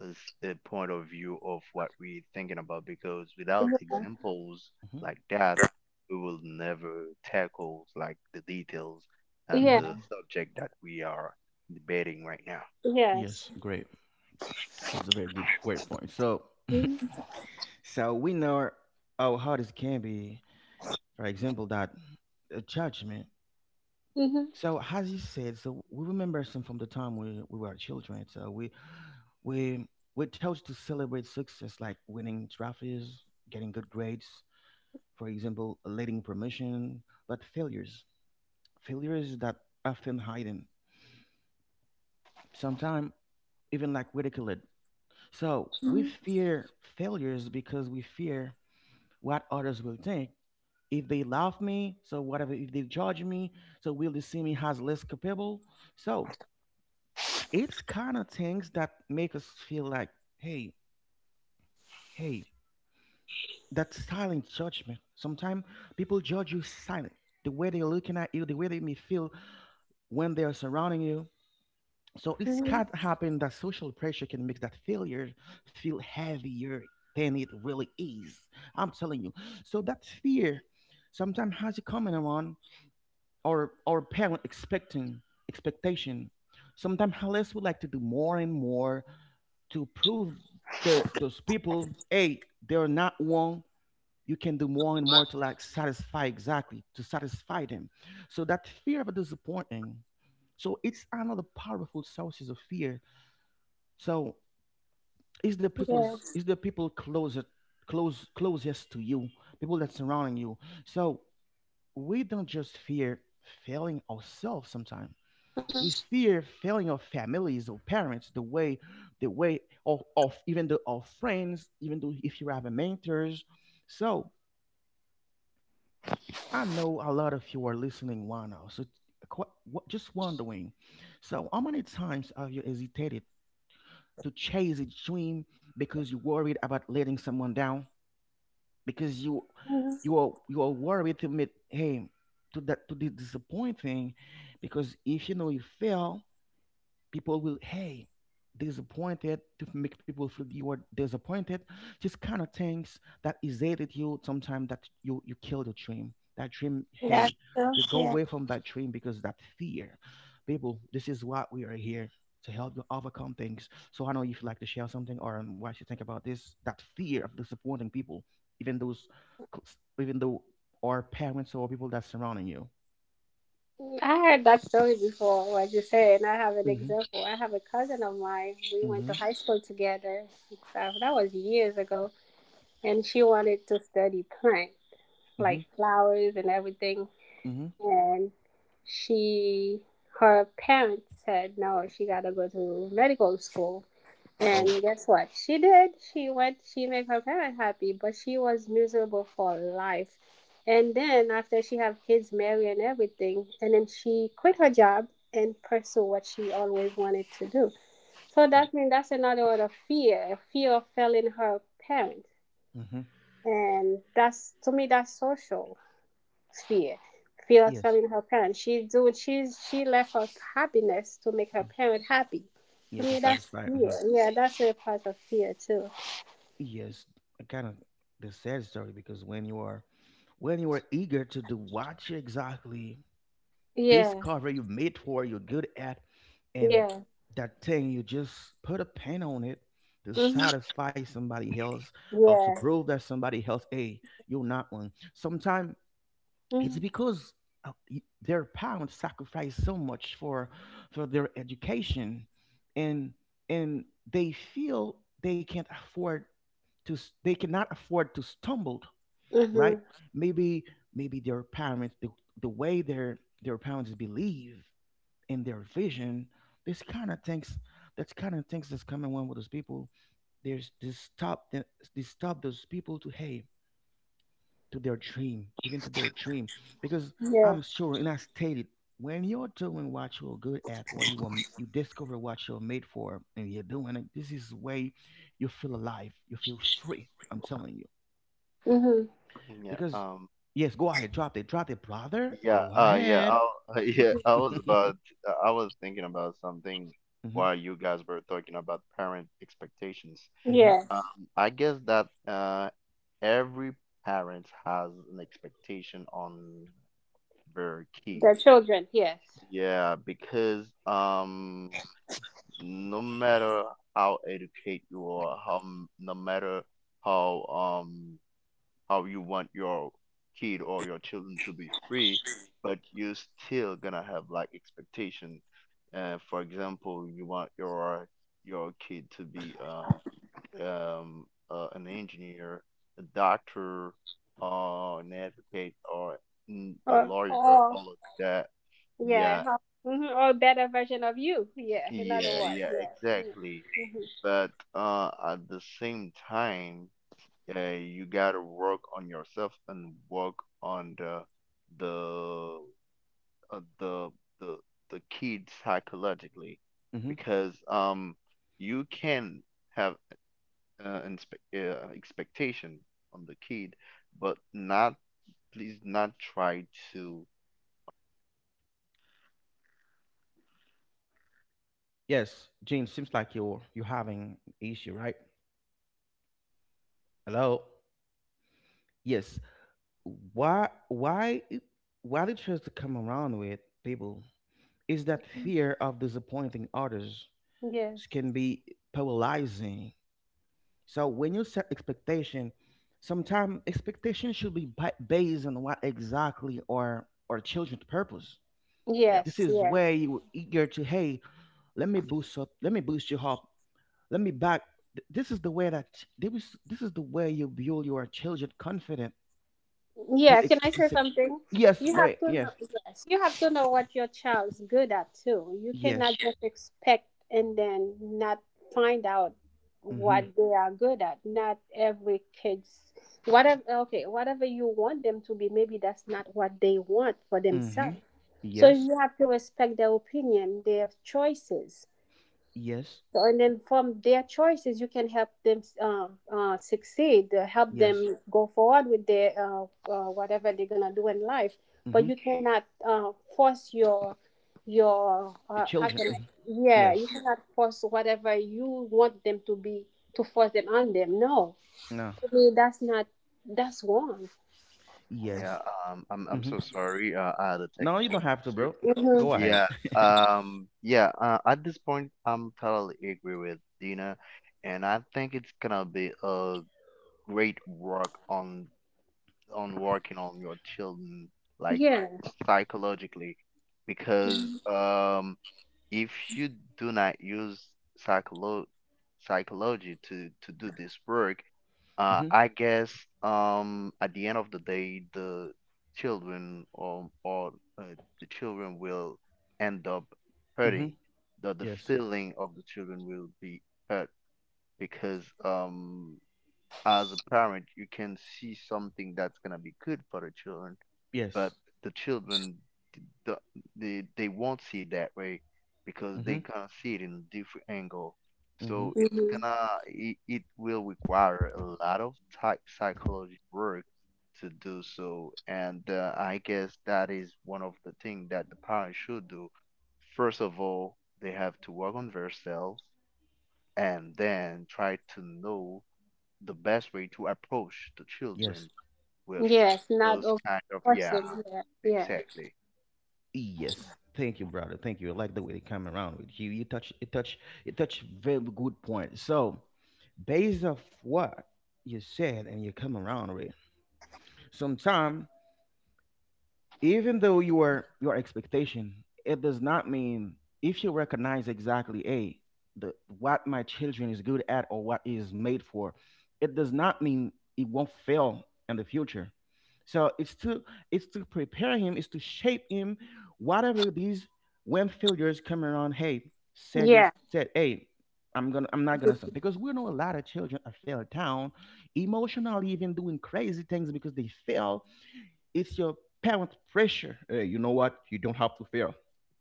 [SPEAKER 4] a s- a point of view of what we're thinking about. Because without examples
[SPEAKER 1] Mm-hmm.
[SPEAKER 4] like that, we will never tackle like the details and
[SPEAKER 2] Yeah.
[SPEAKER 1] Mm-hmm.
[SPEAKER 4] the subject that we are debating right now.
[SPEAKER 2] Yes.
[SPEAKER 1] Yes. Great. That's a very good great point. So, (laughs)
[SPEAKER 2] Hmm.
[SPEAKER 1] so we know how hard it can be. For example, that judgment.
[SPEAKER 2] Hmm.
[SPEAKER 1] So, as you said, so we remember some from the time we were children. So we we're taught to celebrate success like winning trophies, getting good grades, for example, leading promotion, but failures, failures that often hidden, sometimes even like ridiculed. So we fear failures because we fear what others will think. If they love me, so whatever, if they judge me, so will they see me as less capable? So it's kind of things that make us feel like, hey, that silent judgment. Sometimes people judge you silent, the way they're looking at you, the way they may feel when they are surrounding you. So it's
[SPEAKER 2] Hmm.
[SPEAKER 1] can happen that social pressure can make that failure feel heavier than it really is. I'm telling you. So that fear sometimes has you coming around or our parent expecting expectation. Sometimes Hellas would like to do more and more to prove their those people, hey, they're not wrong. You can do more and more to like satisfy exactly to satisfy them. So that fear of disappointing. So it's another powerful sources of fear. So is the people's
[SPEAKER 2] Yes.
[SPEAKER 1] is the people closer close closest to you, people that's surrounding you. So we don't just fear failing ourselves sometimes, we
[SPEAKER 2] Mm-hmm.
[SPEAKER 1] fear failing our families or parents the way, the way of even the of friends, even though if you have a mentors. So I know a lot of you are listening right now. So just wondering, so how many times have you hesitated to chase a dream because you're worried about letting someone down, because
[SPEAKER 2] Mhm.
[SPEAKER 1] you are, you are worried to meet, hey, to that, to the disappointing, because if you know you fail, people will, hey, disappointed to make people feel you are disappointed, just kind of things that it, you sometimes that you kill the dream, that dream, hey, you go
[SPEAKER 2] Yeah.
[SPEAKER 1] away from that dream because that fear people. This is what we are here to help you overcome things. So I know if you'd like to share something or what you think about this, that fear of disappointing people, even those close- even though our parents or people that's surrounding you,
[SPEAKER 2] I heard that story before, what you said, and I have an
[SPEAKER 1] mm-hmm,
[SPEAKER 2] example. I have a cousin of mine. We went to
[SPEAKER 1] mm-hmm,
[SPEAKER 2] high school together. Except that was years ago. And she wanted to study plant, like
[SPEAKER 1] mm-hmm,
[SPEAKER 2] flowers and everything.
[SPEAKER 1] mm-hmm,
[SPEAKER 2] And she, her parents said no, she got to go to medical school. And
[SPEAKER 1] oh.
[SPEAKER 2] guess what? She did. She went, she made her parents happy, but she was miserable for life. And then after she have kids, marry and everything, and then she quit her job and pursue what she always wanted to do. So that means that's another word of fear, a fear of failing her parents.
[SPEAKER 1] Mm-hmm.
[SPEAKER 2] And that's, to me, that's social fear. Fear of
[SPEAKER 1] Yes.
[SPEAKER 2] failing her parents. She's doing she's she left her happiness to make her
[SPEAKER 1] Mm.
[SPEAKER 2] parents happy. To
[SPEAKER 1] Yeah, to
[SPEAKER 2] me that's
[SPEAKER 1] satisfy.
[SPEAKER 2] fear.
[SPEAKER 1] Mhm.
[SPEAKER 2] Yeah, that's a part of fear too.
[SPEAKER 1] Yes, kind of the sad story because when you are eager to do what you exactly
[SPEAKER 2] Yeah.
[SPEAKER 1] discover you made for, you're good at, and
[SPEAKER 2] Yeah.
[SPEAKER 1] that thing you just put a pen on it to
[SPEAKER 2] Mhm.
[SPEAKER 1] satisfy somebody else or to
[SPEAKER 2] Yeah.
[SPEAKER 1] prove that somebody else, hey, you're not one. Sometimes it's
[SPEAKER 2] Mhm.
[SPEAKER 1] because their parents sacrificed so much for their education and and they feel they can't afford they cannot afford to stumble, right?
[SPEAKER 2] Mhm.
[SPEAKER 1] Maybe maybe their parents, the way their parents believe in their vision, this kind of things, that's kind of things that's coming on with those people. There's this stop, they stop those people to, hey, to their dream, even to their dream. Because
[SPEAKER 2] Yeah.
[SPEAKER 1] I'm sure, and I stated, when you're doing what you're good at, or you, you discover what you're made for, and you're doing it, this is way you feel alive, you feel free. I'm telling you.
[SPEAKER 2] Mhm.
[SPEAKER 4] Yeah.
[SPEAKER 1] Because yes, go ahead, drop it, brother.
[SPEAKER 4] Yeah,
[SPEAKER 1] Go
[SPEAKER 4] yeah,
[SPEAKER 1] ahead.
[SPEAKER 4] I, (laughs) yeah.
[SPEAKER 1] (laughs) Mhm,
[SPEAKER 4] I was thinking about something while you guys were talking about parent expectations.
[SPEAKER 1] mhm,
[SPEAKER 2] Yeah.
[SPEAKER 4] I guess that every parent has an expectation on their
[SPEAKER 2] The
[SPEAKER 4] kids.
[SPEAKER 2] children, yes.
[SPEAKER 4] Yeah, because no matter how educated you are, no matter how um how you want your kid or your children to be free, but you're still gonna have like expectation. For example, you want your kid to be an engineer, a doctor, or an advocate, or a
[SPEAKER 2] Or
[SPEAKER 4] lawyer,
[SPEAKER 2] or
[SPEAKER 4] all of that.
[SPEAKER 2] yeah.
[SPEAKER 4] Yeah,
[SPEAKER 2] Hmm. Or better version of you. Yeah, in other words.
[SPEAKER 4] yeah,
[SPEAKER 2] Yeah.
[SPEAKER 4] exactly.
[SPEAKER 2] Mhm.
[SPEAKER 4] But at the same time, yeah, you gotta work on yourself and work on the uh, the the the kids psychologically,
[SPEAKER 1] mhm.
[SPEAKER 4] because you can have uh, inspe- expectation on the kid, but
[SPEAKER 1] Yes, Gene, seems like you're having issue, right? Hello. Yes. Why? Why? Why did you choose to come around with people? Is that fear of disappointing others
[SPEAKER 2] Yes.
[SPEAKER 1] can be paralyzing? So when you set expectation, sometimes expectation should be based on what exactly, or children's purpose.
[SPEAKER 3] yeah,
[SPEAKER 1] This
[SPEAKER 2] Yes.
[SPEAKER 1] is
[SPEAKER 2] Yes.
[SPEAKER 1] where you eager to, hey, let me boost you up, let me back. This is the way that this is the way you build your children confident to
[SPEAKER 2] Yeah, can
[SPEAKER 1] ex-
[SPEAKER 2] I
[SPEAKER 1] to
[SPEAKER 2] say
[SPEAKER 1] suc-
[SPEAKER 2] something?
[SPEAKER 1] Yes,
[SPEAKER 2] You have
[SPEAKER 1] great.
[SPEAKER 2] to know,
[SPEAKER 1] Yes,
[SPEAKER 2] yes, you have to know what your child's good at too. You
[SPEAKER 1] yes.
[SPEAKER 2] cannot just expect and then not find out
[SPEAKER 1] Mhm.
[SPEAKER 2] what they are good at. Not every kid's whatever, okay, whatever you want them to be, maybe that's not what they want for
[SPEAKER 1] Mhm.
[SPEAKER 2] themselves. So
[SPEAKER 1] Yes.
[SPEAKER 2] you have to respect their opinion, their choices.
[SPEAKER 1] Yes.
[SPEAKER 2] So, and then from their choices, you can help them succeed, help
[SPEAKER 1] Yes.
[SPEAKER 2] them go forward with their whatever they're gonna do in life. But
[SPEAKER 1] Hmm.
[SPEAKER 2] you cannot force your how can I?
[SPEAKER 1] Children.
[SPEAKER 2] Yeah, you
[SPEAKER 1] Yes.
[SPEAKER 2] cannot force whatever you want them to be to force them on them. No,
[SPEAKER 1] No.
[SPEAKER 2] to me that's not that's wrong.
[SPEAKER 3] yeah.
[SPEAKER 1] Yes.
[SPEAKER 3] I'm
[SPEAKER 1] Hmm.
[SPEAKER 3] so sorry. I had a
[SPEAKER 1] No, you don't
[SPEAKER 3] technical
[SPEAKER 1] have to,
[SPEAKER 3] issue.
[SPEAKER 1] bro.
[SPEAKER 2] Hmm.
[SPEAKER 1] Go ahead.
[SPEAKER 3] Yeah. Yeah. At this point, I'm totally agree with Dina, and I think it's gonna be a great work on working on your children like
[SPEAKER 2] Yeah.
[SPEAKER 3] psychologically, because if you do not use psycholo psychology to do this work,
[SPEAKER 1] (laughs) Hmm.
[SPEAKER 3] I guess at the end of the day, the children or the children will end up
[SPEAKER 1] Hmm.
[SPEAKER 3] hurting. The
[SPEAKER 1] Yes.
[SPEAKER 3] feeling of the children will be hurt because as a parent you can see something that's gonna be good for the children but
[SPEAKER 1] Yes.
[SPEAKER 3] the children d- d- they won't see it that way because they
[SPEAKER 1] Hmm.
[SPEAKER 3] gonna see it in a different angle
[SPEAKER 1] Hmm.
[SPEAKER 3] so it's
[SPEAKER 2] Mm-hmm.
[SPEAKER 3] gonna it, it will require a lot of type psychology work to do so and I guess that is one of the things that the parents should do. First of all they have to work on themselves and then try to know the best way to approach the
[SPEAKER 1] Yes.
[SPEAKER 3] children with
[SPEAKER 2] Yes, not
[SPEAKER 3] those
[SPEAKER 2] of
[SPEAKER 3] kind of yeah,
[SPEAKER 2] forcing. Yeah. Yeah.
[SPEAKER 3] exactly.
[SPEAKER 1] Yes. Thank you, brother. Thank you. I like the way they come around with you. You touch. You touch. You touch. Very good point. So, based off what you said and you come around with, sometimes, even though your expectation, it does not mean if you recognize exactly a the what my children is good at or what is made for, it does not mean it won't fail in the future. So it's to prepare him, it's to shape him, whatever these, when failures come around, hey, said
[SPEAKER 2] Yeah.
[SPEAKER 1] just said, hey, I'm not gonna stop because we know a lot of children are failed down emotionally, even doing crazy things because they fail. It's your parent pressure. Hey, you know what? You don't have to fail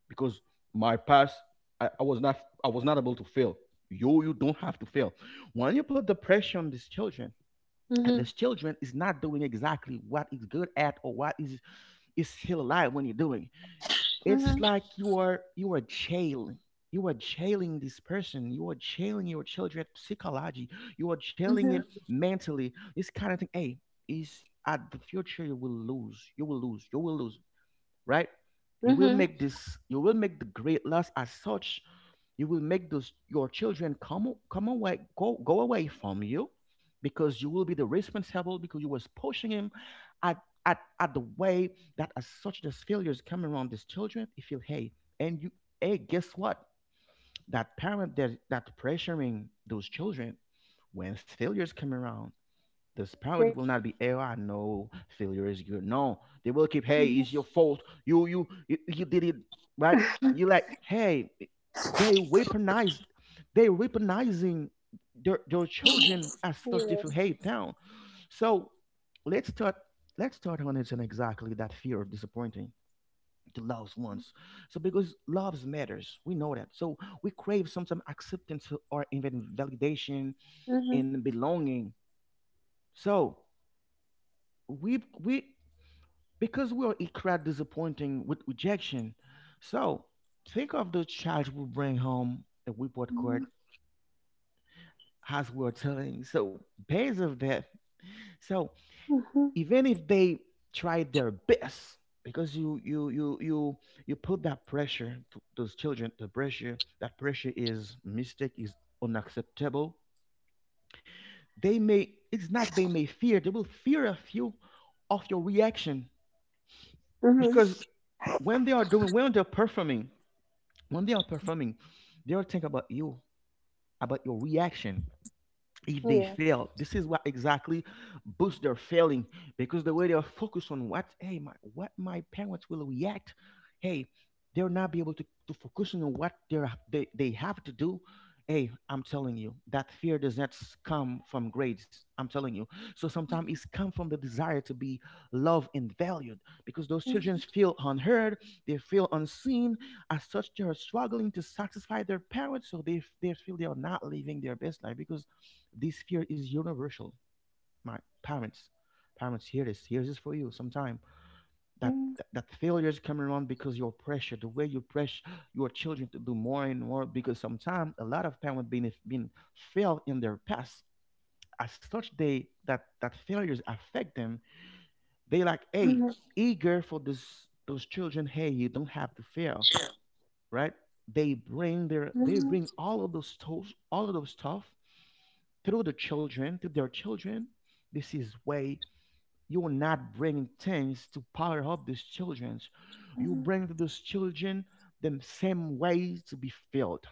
[SPEAKER 1] because my past, I was not, I was not able to fail. You don't have to fail. When you put the pressure on these children, and
[SPEAKER 2] Mm-hmm.
[SPEAKER 1] these children is not doing exactly what is good at or what is still alive when you're doing. It's
[SPEAKER 2] Mm-hmm.
[SPEAKER 1] like you are jailing. You are jailing this person. You are jailing your children psychology. You are jailing it
[SPEAKER 2] Mm-hmm.
[SPEAKER 1] mentally. This kind of thing. Hey, is at the future you will lose. You will lose. You will lose, right? You will
[SPEAKER 2] Mhm.
[SPEAKER 1] make this, you will make the great loss as such. You will make those your children come away, go away from you because you will be the responsible because you was pushing him at at the way that, as such, these failures come around these children, you feel, hey, and you, hey, guess what? That parent that pressuring those children, when failures come around, the spirit
[SPEAKER 2] They
[SPEAKER 1] will not be, oh, I know failure is good. No, they will keep, hey, it's your
[SPEAKER 2] mhm.
[SPEAKER 1] fault. You did it, right. You like, hey, they weaponize, they weaponizing their children as such. They
[SPEAKER 2] Yeah.
[SPEAKER 1] feel, hey, down. So let's start. Let's start on it and exactly that fear of disappointing the loved ones. So because loves matters, we know that. So we crave sometimes acceptance or even validation
[SPEAKER 2] Mhm.
[SPEAKER 1] and belonging. So we because we are equally disappointing with rejection. So think of the child we bring home the report
[SPEAKER 2] Mhm.
[SPEAKER 1] card as we are telling. So based of that, so
[SPEAKER 2] Mhm.
[SPEAKER 1] even if they try their best, because you you put that pressure to those children, the pressure, that pressure is mistake is unacceptable. They may it's not they may fear, they will fear a few of your reaction
[SPEAKER 2] Mhm.
[SPEAKER 1] because when they are doing, when they're performing, when they are performing, they are thinking about you, about your reaction, if they
[SPEAKER 2] Yeah.
[SPEAKER 1] fail, this is what exactly boosts their failing because the way they're focused on what, hey, my what my parents will react, hey, they'll not be able to focus on what they're, they have to do. Hey, I'm telling you that fear does not come from grades. I'm telling you, so sometimes it's come from the desire to be loved and valued because those children feel unheard, they feel unseen. As such, they are struggling to satisfy their parents, so they feel they are not living their best life because this fear is universal. My parents, parents, hear this. Here's this for you. Sometime that,
[SPEAKER 2] Mhm.
[SPEAKER 1] that failures come around because your pressure, the way you press your children to do more and more. Because sometimes a lot of parents been failed in their past. As such, they, that failures affect them. They like, hey,
[SPEAKER 2] Mhm.
[SPEAKER 1] eager for this those children. Hey, you don't have to fail, right? They bring their, they
[SPEAKER 2] Mhm.
[SPEAKER 1] bring all of those tools, all of those stuff through the children, through their children. This is way you will not bring things to power up these children. You
[SPEAKER 2] Mhm.
[SPEAKER 1] bring to those children the same way to be filled,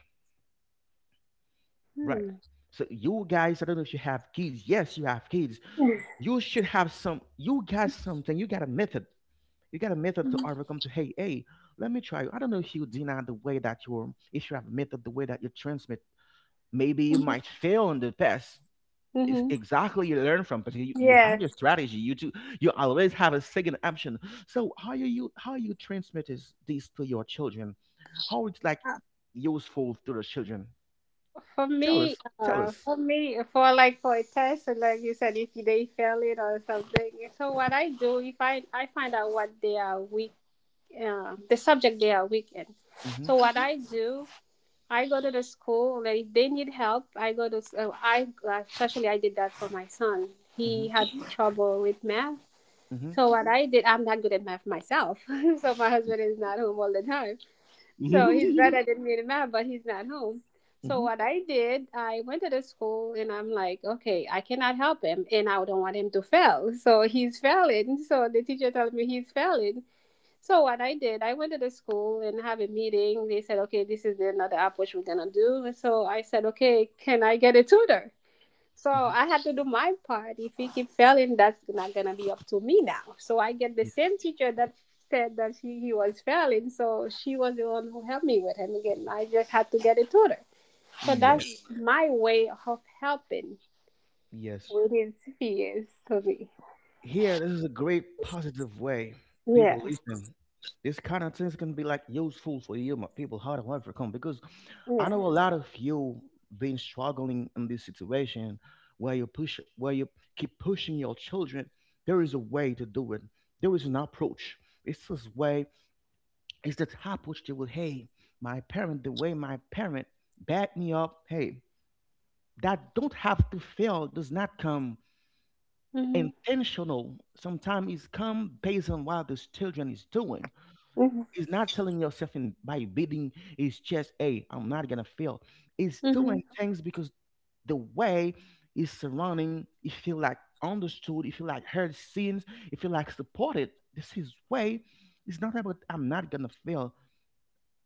[SPEAKER 1] right?
[SPEAKER 2] Hmm.
[SPEAKER 1] So you guys, I don't know if you have kids. Yes, you have kids. You should have some. You got something. You got a method. You got a method to
[SPEAKER 2] Mhm.
[SPEAKER 1] overcome. To, hey, hey, let me try. I don't know if you deny the way that you're. If you have a method, the way that you transmit, maybe you might
[SPEAKER 2] Mhm.
[SPEAKER 1] fail in the past. It's
[SPEAKER 2] Mhm.
[SPEAKER 1] exactly you learn from, but you have
[SPEAKER 2] Yeah.
[SPEAKER 1] your strategy you do. You always have a second option. So how you transmit is, this to your children, how it's like
[SPEAKER 2] Uh,
[SPEAKER 1] useful to the children.
[SPEAKER 2] For
[SPEAKER 1] Tell
[SPEAKER 2] me,
[SPEAKER 1] us, tell us.
[SPEAKER 2] for me, for like for a test, and like you said, if they fail it or something. So what I do, if I find out what they are weak, the subject they are weak in.
[SPEAKER 1] Mm-hmm,
[SPEAKER 2] So what I do I go to the school. Like if they need help. I go to. I especially I did that for my son.
[SPEAKER 1] mm-hmm,
[SPEAKER 2] He had trouble with math.
[SPEAKER 1] mm.
[SPEAKER 2] So what I did, I'm not good at math myself. (laughs) So my husband is not home all the time. So he's
[SPEAKER 1] Mhm.
[SPEAKER 2] better than me in math, but he's not home.
[SPEAKER 1] (laughs)
[SPEAKER 2] So
[SPEAKER 1] Mm-hmm,
[SPEAKER 2] what I did, I went to the school and I'm like, okay, I cannot help him, and I don't want him to fail. So he's failing. So the teacher tells me he's failing. So what I did, I went to the school and have a meeting. They said, okay, this is the another approach we're gonna do. And so I said, okay, can I get a tutor? So
[SPEAKER 1] mm-hmm.
[SPEAKER 2] I had to do my part. If he keep failing, that's not gonna be up to me now. So I get the
[SPEAKER 1] Yes,
[SPEAKER 2] same teacher that said that he was failing. So she was the one who helped me with him again. I just had to get a tutor. So
[SPEAKER 1] yes,
[SPEAKER 2] that's my way of helping
[SPEAKER 1] yes.
[SPEAKER 2] with his fears for me.
[SPEAKER 1] Here, this is a great positive way.
[SPEAKER 2] Yeah,
[SPEAKER 1] People, listen, this kind of things can be like useful for you, my people, how to overcome. Because I
[SPEAKER 2] yeah.
[SPEAKER 1] know a lot of you been struggling in this situation where you push where you keep pushing your children. There is a way to do it. There is an approach. It's this way. It's the approach that will, hey, my parent, the way my parent back me up, hey, that don't have to fail does not come
[SPEAKER 2] Hmm.
[SPEAKER 1] intentional. Sometimes it's come based on what this children is doing.
[SPEAKER 2] Hmm.
[SPEAKER 1] It's not telling yourself in by beating his chest, hey, I'm not gonna fail. It's
[SPEAKER 2] Hmm.
[SPEAKER 1] doing things because the way is surrounding, you feel like understood, you feel like heard, seen, you feel like supported. This is way it's not about I'm not gonna fail.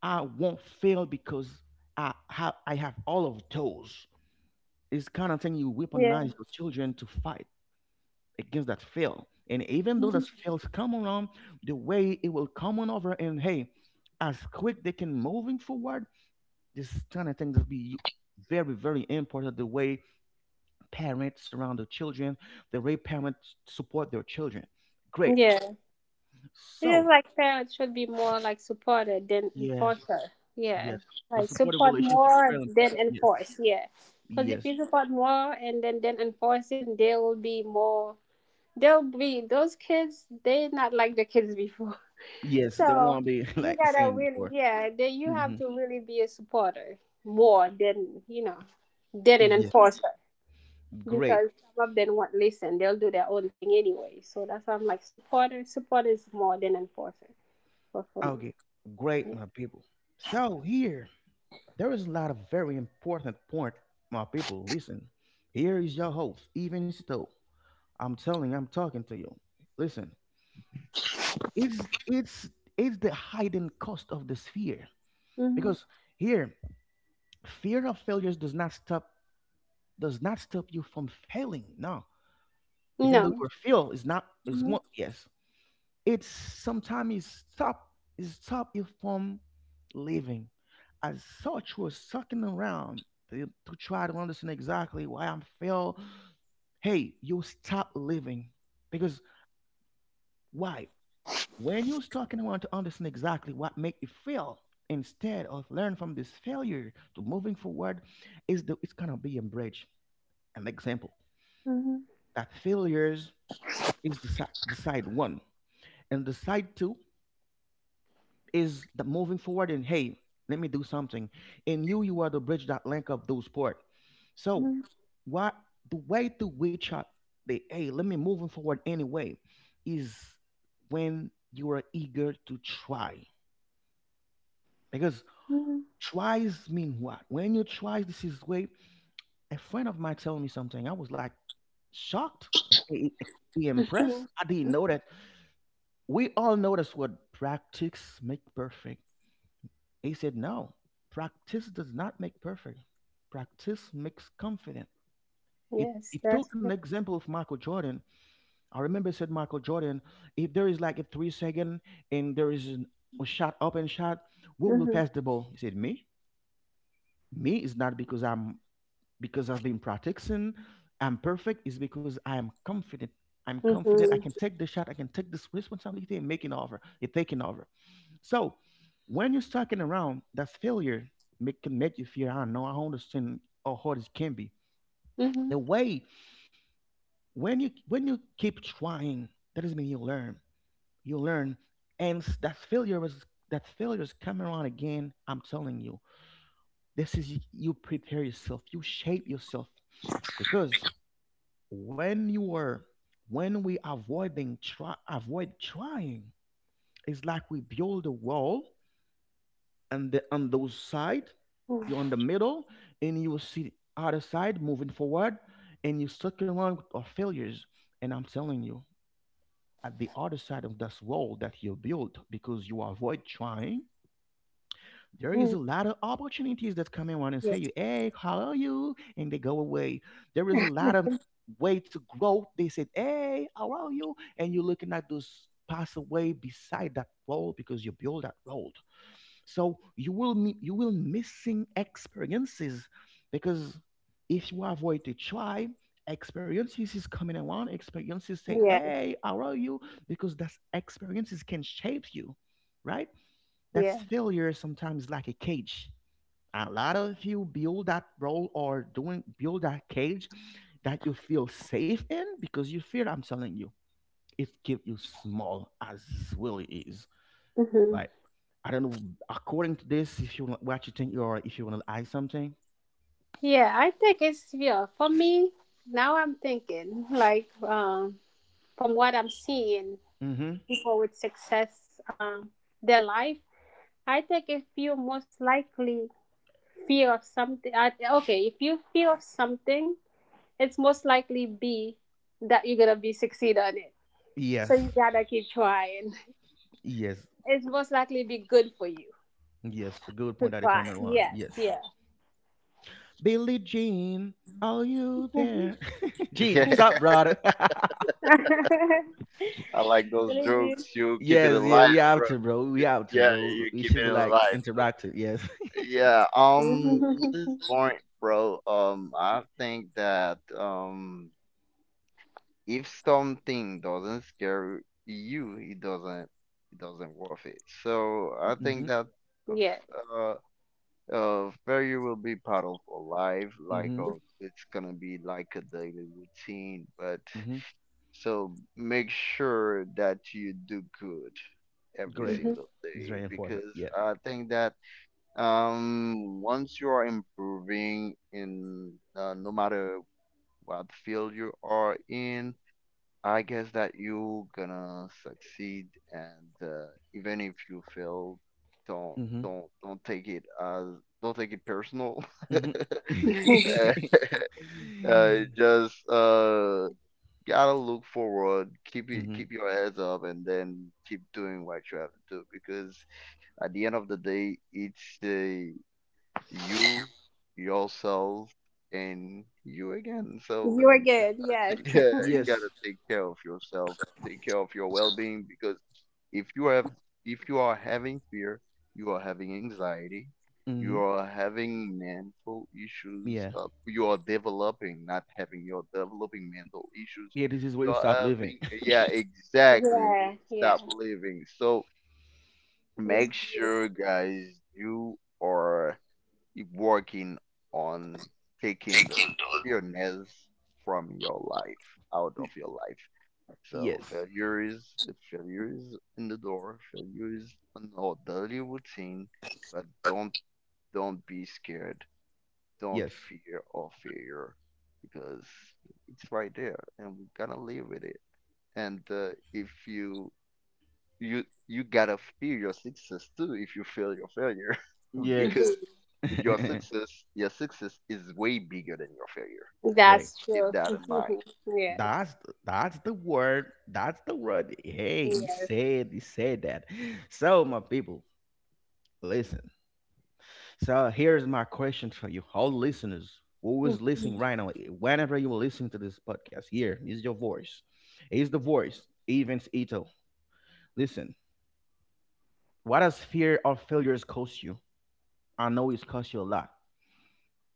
[SPEAKER 1] I won't fail because I have all of those. It's kind of thing you weaponize
[SPEAKER 2] Yeah.
[SPEAKER 1] your children to fight against that fail. And even though those
[SPEAKER 2] Mhm.
[SPEAKER 1] fails come around, the way it will come on over, and hey, as quick they can moving forward, this kind of thing will be very, very important. The way parents surround their children, the way parents support their children. Great.
[SPEAKER 2] Yeah. It is
[SPEAKER 1] So,
[SPEAKER 2] like parents should be more like supported than
[SPEAKER 1] yeah,
[SPEAKER 2] enforcer. Yeah,
[SPEAKER 1] yes, the
[SPEAKER 2] like
[SPEAKER 1] supportive
[SPEAKER 2] support
[SPEAKER 1] relationship is
[SPEAKER 2] more
[SPEAKER 1] very
[SPEAKER 2] than
[SPEAKER 1] important. Yes,
[SPEAKER 2] enforce. Yeah, because if
[SPEAKER 1] yes,
[SPEAKER 2] you support more and then enforce it, they will be more. They'll be those kids. They not like the kids before. (laughs)
[SPEAKER 1] yes. They
[SPEAKER 2] So
[SPEAKER 1] won't be (laughs)
[SPEAKER 2] you
[SPEAKER 1] like
[SPEAKER 2] gotta
[SPEAKER 1] saying
[SPEAKER 2] really,
[SPEAKER 1] before.
[SPEAKER 2] yeah. Then you have
[SPEAKER 1] Hmm.
[SPEAKER 2] to really be a supporter more than you know than an
[SPEAKER 1] Yeah,
[SPEAKER 2] enforcer
[SPEAKER 1] great.
[SPEAKER 2] because some of them won't listen. They'll do their own thing anyway. So that's why I'm like supporter. Support is more than enforcer for me.
[SPEAKER 1] Okay, great,
[SPEAKER 2] Yeah.
[SPEAKER 1] my people. So here, there is a lot of very important point, my people, listen. Here is your host, even still. I'm telling, I'm talking to you. Listen, it's it's it's the hidden cost of this fear.
[SPEAKER 2] Hmm.
[SPEAKER 1] Because here, fear of failures does not stop you from failing. No. Even though
[SPEAKER 2] No.
[SPEAKER 1] your fail is not is one,
[SPEAKER 2] Hmm.
[SPEAKER 1] yes. It's sometimes stop it stop you from living. As such was sucking around to try to understand exactly why I'm fail. Hey, you stop living. Because why? When you talking around to understand exactly what make you fail, instead of learn from this failure to moving forward, is the it's gonna be a bridge. An example,
[SPEAKER 2] Hmm.
[SPEAKER 1] that failures is the the side one and the side two. Is the moving forward and, hey, let me do something. In you, you are the bridge that link up those port. So
[SPEAKER 2] Hmm.
[SPEAKER 1] what, the way to which I, the, hey, let me moving forward anyway, is when you are eager to try because
[SPEAKER 2] Hmm.
[SPEAKER 1] tries mean what, when you try, this is way. A friend of mine telling me something, I was like shocked. He, he impressed.
[SPEAKER 2] (laughs)
[SPEAKER 1] I didn't know that. We all know that's what practice make perfect. He said, no, practice does not make perfect. Practice makes confident. It,
[SPEAKER 2] Yes,
[SPEAKER 1] it
[SPEAKER 2] that's.
[SPEAKER 1] took an example of Michael Jordan. I remember it said Michael Jordan, if there is like a 3 second and a shot, open shot, who will
[SPEAKER 2] Hmm.
[SPEAKER 1] pass the ball? He said, "Me." Me is not because I've been practicing. I'm perfect. It's because I am confident. I'm confident. I
[SPEAKER 2] Hmm.
[SPEAKER 1] can take the shot. I can take this responsibility and making over. You're taking over. So when you're sucking around, that's failure make, can make you feel. I don't know. I don't understand how hard it can be.
[SPEAKER 2] Hmm.
[SPEAKER 1] The way when you keep trying, that doesn't mean you learn. You learn, and that failure is coming around again. I'm telling you, this is you prepare yourself. You shape yourself because when you are when we avoid trying, it's like we build a wall, and the on those side, you're on the middle, and you will see other side moving forward, and you stuck around with failures. And I'm telling you, at the other side of this wall that you built because you avoid trying, there is
[SPEAKER 2] Hmm.
[SPEAKER 1] a lot of opportunities that come around and
[SPEAKER 2] Yeah.
[SPEAKER 1] say, "You, hey, how are you?" and they go away. There is a lot of way to grow. They said, "Hey, how are you?" and you're looking at those pass away beside that role because you build that road. So you will you will missing experiences, because if you avoid the tribe, experiences is coming around. Experiences say,
[SPEAKER 2] Yeah.
[SPEAKER 1] "Hey, how are you?" Because that's experiences can shape you, right? That's
[SPEAKER 2] Yeah.
[SPEAKER 1] failure sometimes like a cage. A lot of you build that role or doing build that cage that you feel safe in because you fear. I'm telling you, it keep you small as really is.
[SPEAKER 2] Hmm.
[SPEAKER 1] Like, I don't know, according to this, if you want what you think you are, if you want to add something.
[SPEAKER 2] Yeah. I think it's yeah. For me now, I'm thinking like from what I'm seeing,
[SPEAKER 1] Mm-hmm.
[SPEAKER 2] people with success, their life. I think if you most likely fear of something, I, okay, if you fear of something it's most likely B that you're gonna be succeed on it. So
[SPEAKER 1] Yes.
[SPEAKER 2] you gotta keep trying.
[SPEAKER 1] Yes.
[SPEAKER 2] It's most likely be good for you
[SPEAKER 1] Yes. Good
[SPEAKER 2] to
[SPEAKER 1] point that you
[SPEAKER 2] try.
[SPEAKER 1] comment on.
[SPEAKER 2] Yes,
[SPEAKER 1] Yes.
[SPEAKER 2] yeah.
[SPEAKER 1] Billie Jean, are you there? (laughs)
[SPEAKER 3] (laughs)
[SPEAKER 1] Jean,
[SPEAKER 3] Yeah,
[SPEAKER 1] what's up, brother? (laughs)
[SPEAKER 2] (laughs)
[SPEAKER 3] I like those
[SPEAKER 2] Really
[SPEAKER 3] jokes. You keep it
[SPEAKER 1] Yes, yeah,
[SPEAKER 3] alive,
[SPEAKER 1] we
[SPEAKER 3] bro.
[SPEAKER 1] out here, bro.
[SPEAKER 3] You-
[SPEAKER 1] We out here,
[SPEAKER 3] yeah,
[SPEAKER 1] bro.
[SPEAKER 3] you
[SPEAKER 1] We
[SPEAKER 3] keep
[SPEAKER 1] should
[SPEAKER 3] it
[SPEAKER 1] be like
[SPEAKER 3] alive, bro.
[SPEAKER 1] interactive. Yes. (laughs)
[SPEAKER 3] Yeah, in
[SPEAKER 2] do.
[SPEAKER 3] this point, bro, I think that if something doesn't scare you, it doesn't worth it. So I
[SPEAKER 1] Mm-hmm.
[SPEAKER 3] think that,
[SPEAKER 2] Yes.
[SPEAKER 3] uh, failure will be part of our life, like
[SPEAKER 1] Mm-hmm.
[SPEAKER 3] oh, it's gonna be like a daily routine. But
[SPEAKER 1] Mm-hmm.
[SPEAKER 3] so make sure that you do good every
[SPEAKER 1] Great.
[SPEAKER 2] Mhm.
[SPEAKER 3] single
[SPEAKER 1] It's
[SPEAKER 3] day,
[SPEAKER 1] very important.
[SPEAKER 3] because
[SPEAKER 1] Yeah.
[SPEAKER 3] I think that once you are improving in no matter what field you are in, I guess that you gonna succeed and even if you fail, don't
[SPEAKER 1] Mm-hmm.
[SPEAKER 3] don't don't take it as don't take it personal. (laughs)
[SPEAKER 1] Mm-hmm.
[SPEAKER 2] (laughs)
[SPEAKER 3] Uh,
[SPEAKER 1] (laughs)
[SPEAKER 3] (laughs) just gotta look forward, keep it,
[SPEAKER 1] Mm-hmm.
[SPEAKER 3] keep your heads up, and then keep doing what you have to do, because at the end of the day, it's the you, yourself, and you again. So
[SPEAKER 2] You are
[SPEAKER 3] you
[SPEAKER 2] good.
[SPEAKER 3] gotta
[SPEAKER 2] Yes.
[SPEAKER 3] take, (laughs) yeah, you
[SPEAKER 1] Yes.
[SPEAKER 3] gotta take care of yourself, take care of your well-being, because if you have if you are having fear, you are having anxiety, you
[SPEAKER 1] Mm-hmm.
[SPEAKER 3] are having mental issues,
[SPEAKER 1] Yeah.
[SPEAKER 3] you are developing, not having, you're developing mental issues.
[SPEAKER 1] Yeah, this is where
[SPEAKER 3] You
[SPEAKER 1] you
[SPEAKER 3] are
[SPEAKER 1] stop living.
[SPEAKER 3] having,
[SPEAKER 1] (laughs)
[SPEAKER 3] yeah, exactly. You will
[SPEAKER 2] Yeah. Yeah.
[SPEAKER 3] stop living. So
[SPEAKER 2] It's
[SPEAKER 3] make sure,
[SPEAKER 2] good.
[SPEAKER 3] guys, you are working on taking those fearness from your life, out
[SPEAKER 1] Y-
[SPEAKER 3] of your life. So
[SPEAKER 1] yes.
[SPEAKER 3] failure is in the door. Failure is an our daily routine, but don't be scared. Don't
[SPEAKER 1] Yes.
[SPEAKER 3] fear of failure because it's right there, and we gotta live with it. And if you you you gotta fear your success too if you feel your failure (laughs)
[SPEAKER 1] Yeah.
[SPEAKER 3] because
[SPEAKER 2] Mhm.
[SPEAKER 1] (laughs)
[SPEAKER 3] your success is way bigger than your failure.
[SPEAKER 1] Great.
[SPEAKER 2] That's
[SPEAKER 3] Keep
[SPEAKER 2] true.
[SPEAKER 3] that in
[SPEAKER 2] (laughs)
[SPEAKER 3] mind.
[SPEAKER 2] Yeah.
[SPEAKER 1] That's the word. That's the word. Hey, he
[SPEAKER 2] Yes.
[SPEAKER 1] said that. So my people, listen. So here's my question for you, all listeners who is listening right now. Whenever you listen to this podcast, here is your voice. Is the voice Evans Ito? Listen. What does fear of failures cost you? I know it's cost you a lot.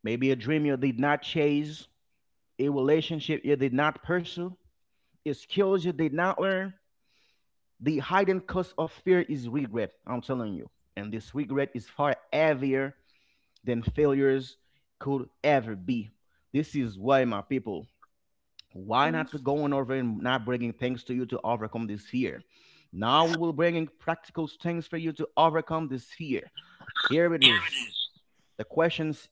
[SPEAKER 1] Maybe a dream you did not chase, a relationship you did not pursue, skills you did not learn. The hidden cause of fear is regret, I'm telling you. And this regret is far heavier than failures could ever be. This is why, my people, why
[SPEAKER 2] Mhm.
[SPEAKER 1] not going over and not bringing things to you to overcome this fear? Now we will bringing practical things for you to overcome this fear. Here it is. The questions: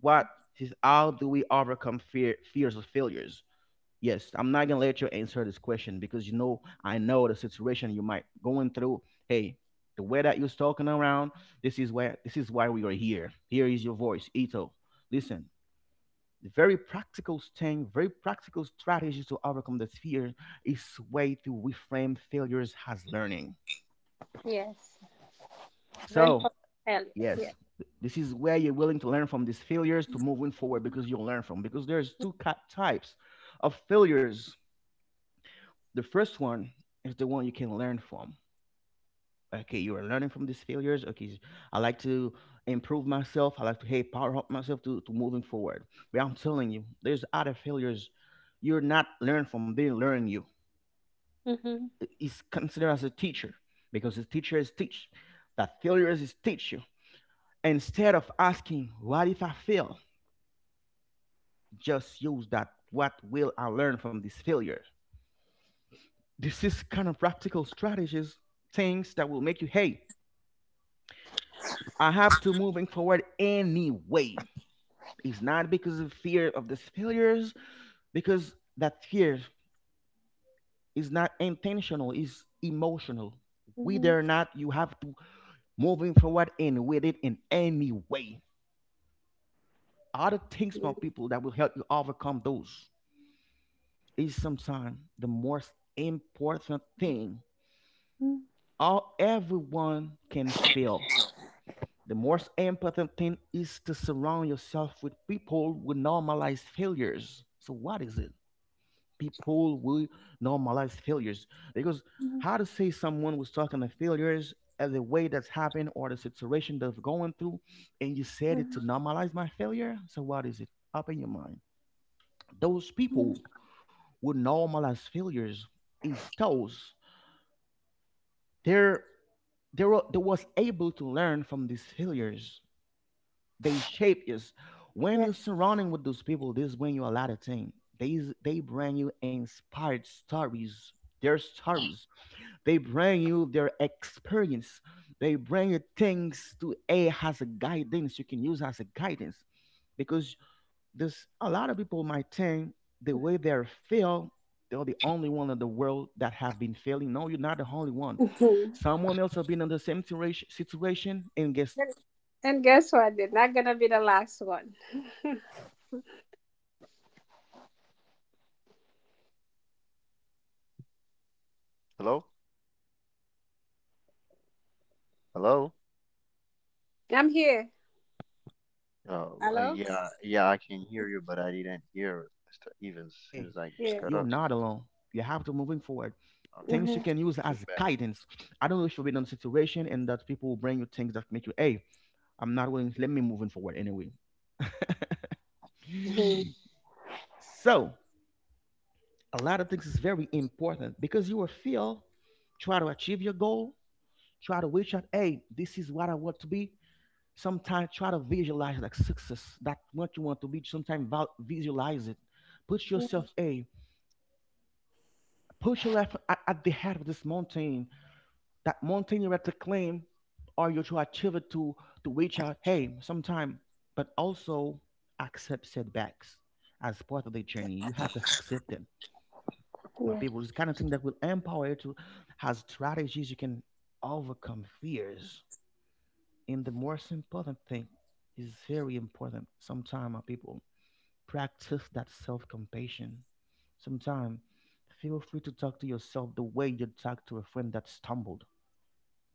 [SPEAKER 1] what is how do we overcome fear, fears of failures? Yes, I'm not gonna let you answer this question because you know I know the situation you might going through. Hey, the way that you're talking around, this is why we are here. Here is your voice, Ito. Listen, the very practical thing, very practical strategy to overcome this fear is way to reframe failures as learning.
[SPEAKER 2] Yes. Learn
[SPEAKER 1] So
[SPEAKER 2] from failure. Yes.
[SPEAKER 1] yes, this is where you're willing to learn from these failures to moving forward, because you'll learn from because there's two types of failures. The first one is the one you can learn from. Okay, you are learning from these failures. Okay, I like to improve myself. I like to hey power up myself to moving forward. But I'm telling you, there's other failures you're not learn from. They learn you.
[SPEAKER 2] Mm-hmm.
[SPEAKER 1] It's considered as a teacher, because the teacher is teach. That failures is teach you. Instead of asking what if I fail, just use that what will I learn from this failure. This is kind of practical strategies, things that will make you hey I have to moving forward anyway. It's not because of fear of these failures, because that fear is not intentional, is emotional. Whether
[SPEAKER 2] Mm-hmm.
[SPEAKER 1] or not you have to moving forward and with it in any way. Other things, my
[SPEAKER 2] Mm-hmm.
[SPEAKER 1] people, that will help you overcome those is sometimes the most important thing. All everyone can fail. The most important thing is to surround yourself with people who normalize failures. So what is it? People will normalize failures, because how to say someone was talking to failures as the way that's happened or the situation they're going through, and you said it to
[SPEAKER 2] Mm-hmm.
[SPEAKER 1] normalize my failure. So what is it? Open your mind. Those
[SPEAKER 2] Mm-hmm.
[SPEAKER 1] people who normalize failures is those they're they were, they was able to learn from these failures. They shape you. When you're surrounding with those people, they bring you a lot of things. They bring you inspired stories, their stories. They bring you their experience. They bring you things to a as a guidance, you can use as a guidance, because this a lot of people might think the way they're feel, they're the only one in the world that have been failing. No, you're not the only one.
[SPEAKER 2] Yes. (laughs)
[SPEAKER 1] Someone else have been in the same situation, and guess what? If
[SPEAKER 2] And
[SPEAKER 1] somebody
[SPEAKER 2] guess
[SPEAKER 1] was
[SPEAKER 2] what? They're not gonna be the
[SPEAKER 1] eager to
[SPEAKER 2] last
[SPEAKER 1] moving
[SPEAKER 2] one.
[SPEAKER 1] forward, is is was moving forward anyway. This is why when you are surrounding yourself with those people that
[SPEAKER 3] Hello,
[SPEAKER 1] normalize failures, I mean, a supportive community,
[SPEAKER 3] hello.
[SPEAKER 1] hey, that can make
[SPEAKER 2] I'm
[SPEAKER 1] the
[SPEAKER 2] here.
[SPEAKER 1] difference. And I'm telling you,
[SPEAKER 3] Oh
[SPEAKER 1] they
[SPEAKER 2] Hello?
[SPEAKER 1] will
[SPEAKER 3] yeah,
[SPEAKER 1] bring a lot
[SPEAKER 3] yeah, I
[SPEAKER 1] of
[SPEAKER 3] can
[SPEAKER 1] things to you
[SPEAKER 3] hear you,
[SPEAKER 1] to
[SPEAKER 3] but
[SPEAKER 1] add,
[SPEAKER 3] I didn't
[SPEAKER 1] even though your
[SPEAKER 3] hear
[SPEAKER 1] value to make you
[SPEAKER 3] Mr.
[SPEAKER 1] feel,
[SPEAKER 3] Evans.
[SPEAKER 1] hey,
[SPEAKER 3] Seems like it's
[SPEAKER 2] Yeah.
[SPEAKER 1] you're
[SPEAKER 3] cut up.
[SPEAKER 1] not alone. You have to moving forward.
[SPEAKER 3] Okay,
[SPEAKER 1] Things you
[SPEAKER 2] Hmm.
[SPEAKER 1] can use
[SPEAKER 3] it's
[SPEAKER 1] as
[SPEAKER 3] back.
[SPEAKER 1] guidance. I don't know if you've been in a situation and that people will bring you things that make you, hey, I'm not willing, let me moving forward anyway.
[SPEAKER 2] Hmm.
[SPEAKER 1] So a lot of things is very important, because you will feel, try to achieve your goal, try to reach out, hey, this is what I want to be. Sometimes try to visualize like success that what you want to be, sometimes visualize it, put yourself a put your life at the head of this mountain, that mountain you're at to claim or you're to achieve it to reach out hey sometime, but also accept setbacks as part of the journey, you have to accept them my
[SPEAKER 2] Yeah.
[SPEAKER 1] people. This kind of thing that will empower you to has strategies you can overcome fears. And the most important thing is very important. Sometimes, my people, practice that self compassion. Sometime, feel free to talk to yourself the way you talk to a friend that stumbled.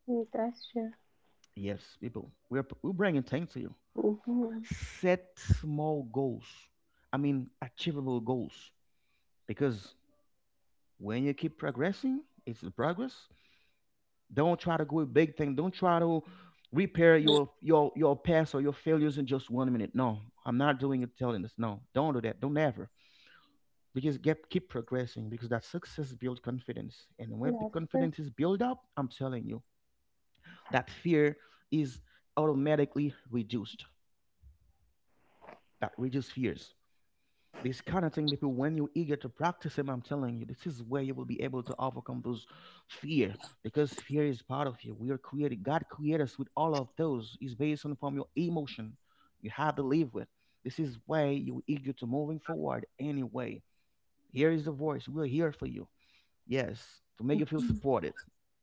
[SPEAKER 2] Mm, that's true.
[SPEAKER 1] Yes, people, we're bringing things to you.
[SPEAKER 2] Hmm.
[SPEAKER 1] Set small goals. I mean, achievable goals. Because when you keep progressing, it's the progress. Don't try to go a big thing. Don't try to repair your your past or your failures in just 1 minute. No, I'm not doing it. Telling us no, don't do that. Don't ever. Because get, keep progressing, because that success builds confidence, and when the
[SPEAKER 2] That's true.
[SPEAKER 1] confidence is built up, I'm telling you, that fear is automatically reduced, that reduce fears. This kind of thing people when you're eager to practice them, I'm telling you, this is where you will be able to overcome those fear, because fear is part of you, we are created, god created us with all of those is based on from your emotion, you have to live with. This is why you're eager to moving forward anyway. Here is the voice, we're here for you. Yes, to make you feel supported.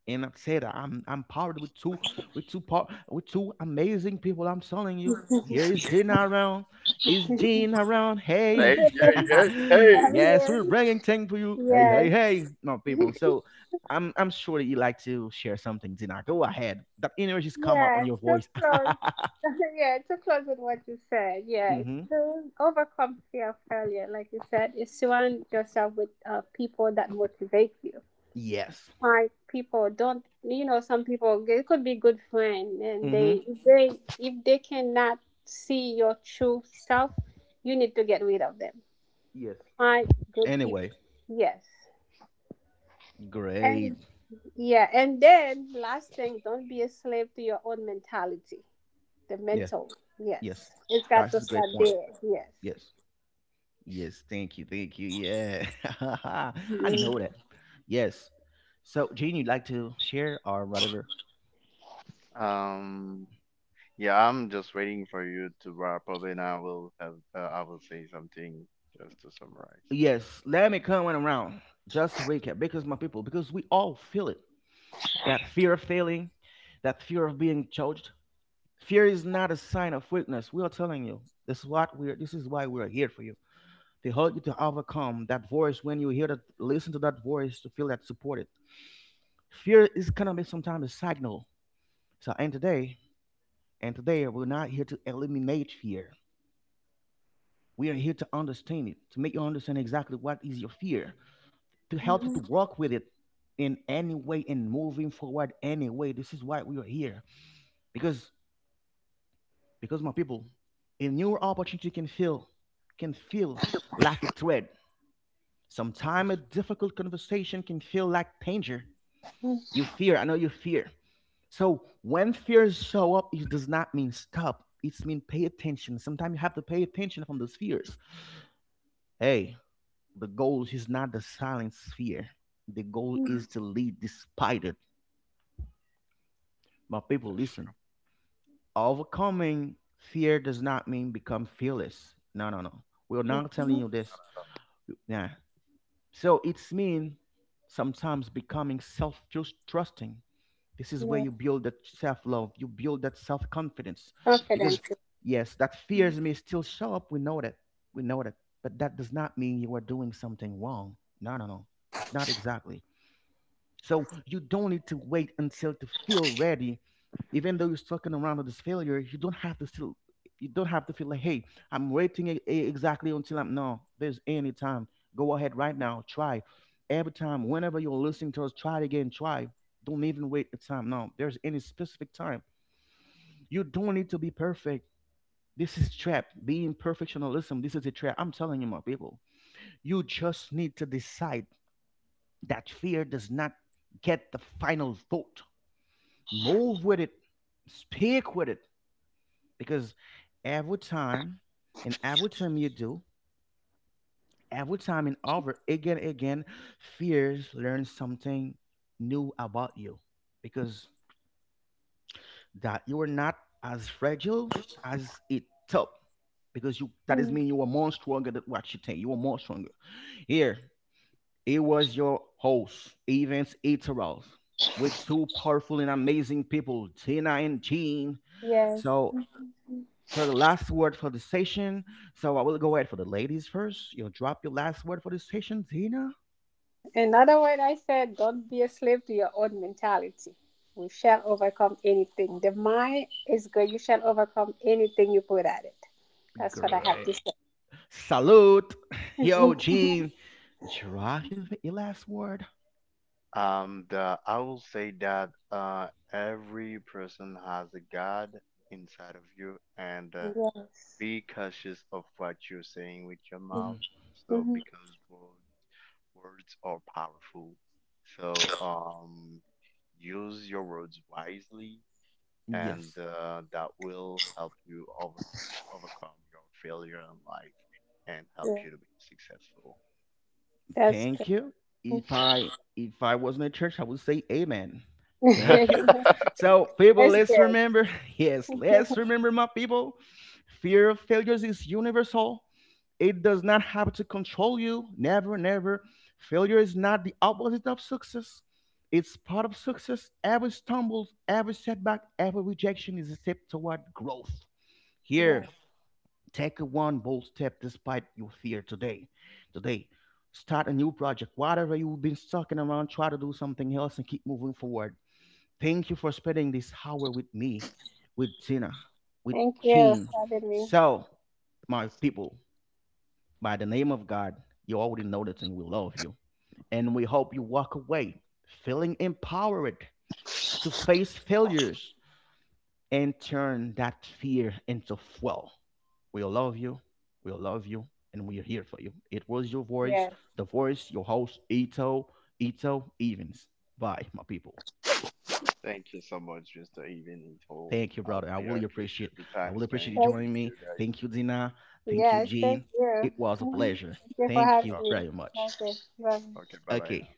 [SPEAKER 1] And I say that I'm powered with two power with two amazing people. I'm telling you. Here is Dina around. Is Jean around?
[SPEAKER 3] Hey,
[SPEAKER 1] Hey.
[SPEAKER 3] hey, hey,
[SPEAKER 1] (laughs)
[SPEAKER 3] hey.
[SPEAKER 2] I'm
[SPEAKER 1] Yes,
[SPEAKER 2] here.
[SPEAKER 1] we're bringing things to you. Hey, hey,
[SPEAKER 2] Yes.
[SPEAKER 1] hey. No, people. So I'm sure that you like to share something, Dina. Go ahead. That energy's come up on
[SPEAKER 2] Yeah.
[SPEAKER 1] your
[SPEAKER 2] Too
[SPEAKER 1] voice. (laughs)
[SPEAKER 2] close. (laughs) Yeah. Too close with what you said. Yeah.
[SPEAKER 1] Mm-hmm.
[SPEAKER 2] To overcome fear of failure, like you said, is surround yourself with people that motivate you.
[SPEAKER 1] Yes.
[SPEAKER 2] Hard people don't you know some people it could be good friend and
[SPEAKER 1] Mm-hmm.
[SPEAKER 2] they if they cannot see your true self you need to get rid of them,
[SPEAKER 1] Yes.
[SPEAKER 2] find good people.
[SPEAKER 1] Anyway,
[SPEAKER 2] Yes. And
[SPEAKER 1] great.
[SPEAKER 2] yeah, and then last thing, don't be a slave to your own mentality, the
[SPEAKER 1] Yeah.
[SPEAKER 2] mental.
[SPEAKER 1] Yes.
[SPEAKER 2] Yes, it's got to
[SPEAKER 1] That's a
[SPEAKER 2] start
[SPEAKER 1] great point.
[SPEAKER 2] there. Yes.
[SPEAKER 1] Yes. Yes, thank you, Yeah, (laughs) I
[SPEAKER 2] Mhm.
[SPEAKER 1] know that. Yes. So, Gene, you'd like to share or whatever?
[SPEAKER 3] um yeah, I'm just waiting for you to wrap up and I will have I will say something, just to summarize.
[SPEAKER 1] Yes, let me come on around. Just recap, because my people, because we all feel it. That fear of failing, that fear of being judged. Fear is not a sign of weakness. We are telling you. This is what we're. This is why we're here for you to help you to overcome that voice. When you hear that, listen to that voice to feel that supported. Fear is gonna be sometimes a signal. So, and today we're not here to eliminate fear. We are here to understand it, to make you understand exactly what is your fear, to help you to
[SPEAKER 2] Mhm.
[SPEAKER 1] work with it in any way and moving forward anyway. This is why we are here. Because because my people, a new opportunity can feel like a threat. Sometimes a difficult conversation can feel like danger. You fear, I know you fear. So when fears show up, it does not mean stop. It means pay attention. Sometimes you have to pay attention from those fears. Hey, the goal is not the silent sphere. The goal is to lead despite it. My people,
[SPEAKER 3] That's true.
[SPEAKER 1] listen. Overcoming fear does not mean become fearless. No, no, no. We're
[SPEAKER 3] I
[SPEAKER 1] not telling
[SPEAKER 2] Mhm.
[SPEAKER 1] you this.
[SPEAKER 3] know.
[SPEAKER 1] Nah. So it's mean sometimes becoming self trusting. This is where you
[SPEAKER 2] Yes,
[SPEAKER 1] build that self love. You build that self confidence. Because
[SPEAKER 2] confidence.
[SPEAKER 1] yes, that fears may still show up. We know that. We know that. But that does not mean you are doing something wrong. No, no, no. It's not exactly. So you don't need to wait until to feel ready. Even though you're stuck in around with this failure, you don't have to still, you don't have to feel like, hey, I'm waiting exactly until I'm no, there's any time. Go ahead right now, try. Every time, whenever you're listening to us, try it again, try. Don't even wait a time. No, there's any specific time. You don't need to be perfect. This is trap. Being perfectionism, this is a trap. I'm telling you, my people. You just need to decide that fear does not get the final vote, move with it, stick with it, because every time and every time you do, every time and over again, again, fears learn something new about you because that you are not as fragile as it thought. Because you that is mean you are more stronger than what you think. You are more stronger. Here, it was your host, Evans Eterals, with two powerful and amazing people, Tina and Gene.
[SPEAKER 2] Mhm.
[SPEAKER 1] So for the last word for the session. So I will go ahead for the ladies first. You'll drop your last word for the session, Tina.
[SPEAKER 2] In other words, I said, don't be a slave to your own mentality. We shall overcome anything. The mind is good. You shall overcome anything you put at it. That's what I have
[SPEAKER 1] Great.
[SPEAKER 2] to say.
[SPEAKER 1] Salute. (laughs) Yo, Gene. Drop your last word.
[SPEAKER 3] The I will say that every person has a God inside of you, and
[SPEAKER 2] Yes.
[SPEAKER 3] be cautious of what you're saying with your mouth.
[SPEAKER 1] Mhm.
[SPEAKER 3] So,
[SPEAKER 2] Mm-hmm.
[SPEAKER 3] because word, words are powerful, so use your words wisely, and
[SPEAKER 1] Yes.
[SPEAKER 3] that will help you over overcome your failure in life and help
[SPEAKER 2] Yeah.
[SPEAKER 3] you to be successful.
[SPEAKER 2] That's
[SPEAKER 1] Thank you.
[SPEAKER 2] good.
[SPEAKER 1] If
[SPEAKER 2] (laughs)
[SPEAKER 1] I if I was in a church, I would say amen. Thank you.
[SPEAKER 3] (laughs)
[SPEAKER 1] So people,
[SPEAKER 2] That's
[SPEAKER 1] let's
[SPEAKER 2] good.
[SPEAKER 1] remember, (laughs) yes, let's remember my people. Fear of failures is universal. It does not have to control you. Never, never. Failure is not the opposite of success. It's part of success. Every stumble, every setback, every rejection is a step toward growth. Here,
[SPEAKER 2] Yes.
[SPEAKER 1] take a one bold step despite your fear today. Today, start a new project. Whatever you've been stuck in around, try to do something else and keep moving forward. Thank you for spending this hour with me, with Tina, with
[SPEAKER 2] Thank you
[SPEAKER 1] Gene.
[SPEAKER 2] for having me.
[SPEAKER 1] So, my people, by the name of God, you already know that and we love you. And we hope you walk away feeling empowered to face failures and turn that fear into fuel. We love you. We love you. And we are here for you. It was your voice,
[SPEAKER 2] Yes.
[SPEAKER 1] the voice, your host, Ito, Ito Evans. Bye, my people.
[SPEAKER 3] Thank you so much, Mr. Even Info.
[SPEAKER 1] Thank you,
[SPEAKER 3] I
[SPEAKER 1] brother. I
[SPEAKER 3] really
[SPEAKER 1] really appreciate
[SPEAKER 3] appreciate the
[SPEAKER 1] I
[SPEAKER 3] time
[SPEAKER 1] really appreciate
[SPEAKER 3] spent
[SPEAKER 1] you
[SPEAKER 2] Thank,
[SPEAKER 3] with
[SPEAKER 1] joining
[SPEAKER 3] you
[SPEAKER 1] me.
[SPEAKER 3] guys.
[SPEAKER 1] Thank you, Dina. Thank you,
[SPEAKER 2] yes. Thank
[SPEAKER 1] Jean.
[SPEAKER 2] you.
[SPEAKER 1] It was a
[SPEAKER 2] Mhm.
[SPEAKER 1] pleasure.
[SPEAKER 2] Thank you for
[SPEAKER 1] Thank
[SPEAKER 2] having
[SPEAKER 3] Yeah.
[SPEAKER 1] you
[SPEAKER 2] me.
[SPEAKER 1] very much.
[SPEAKER 2] Okay. Bye.
[SPEAKER 3] Okay, bye bye now.
[SPEAKER 1] Okay.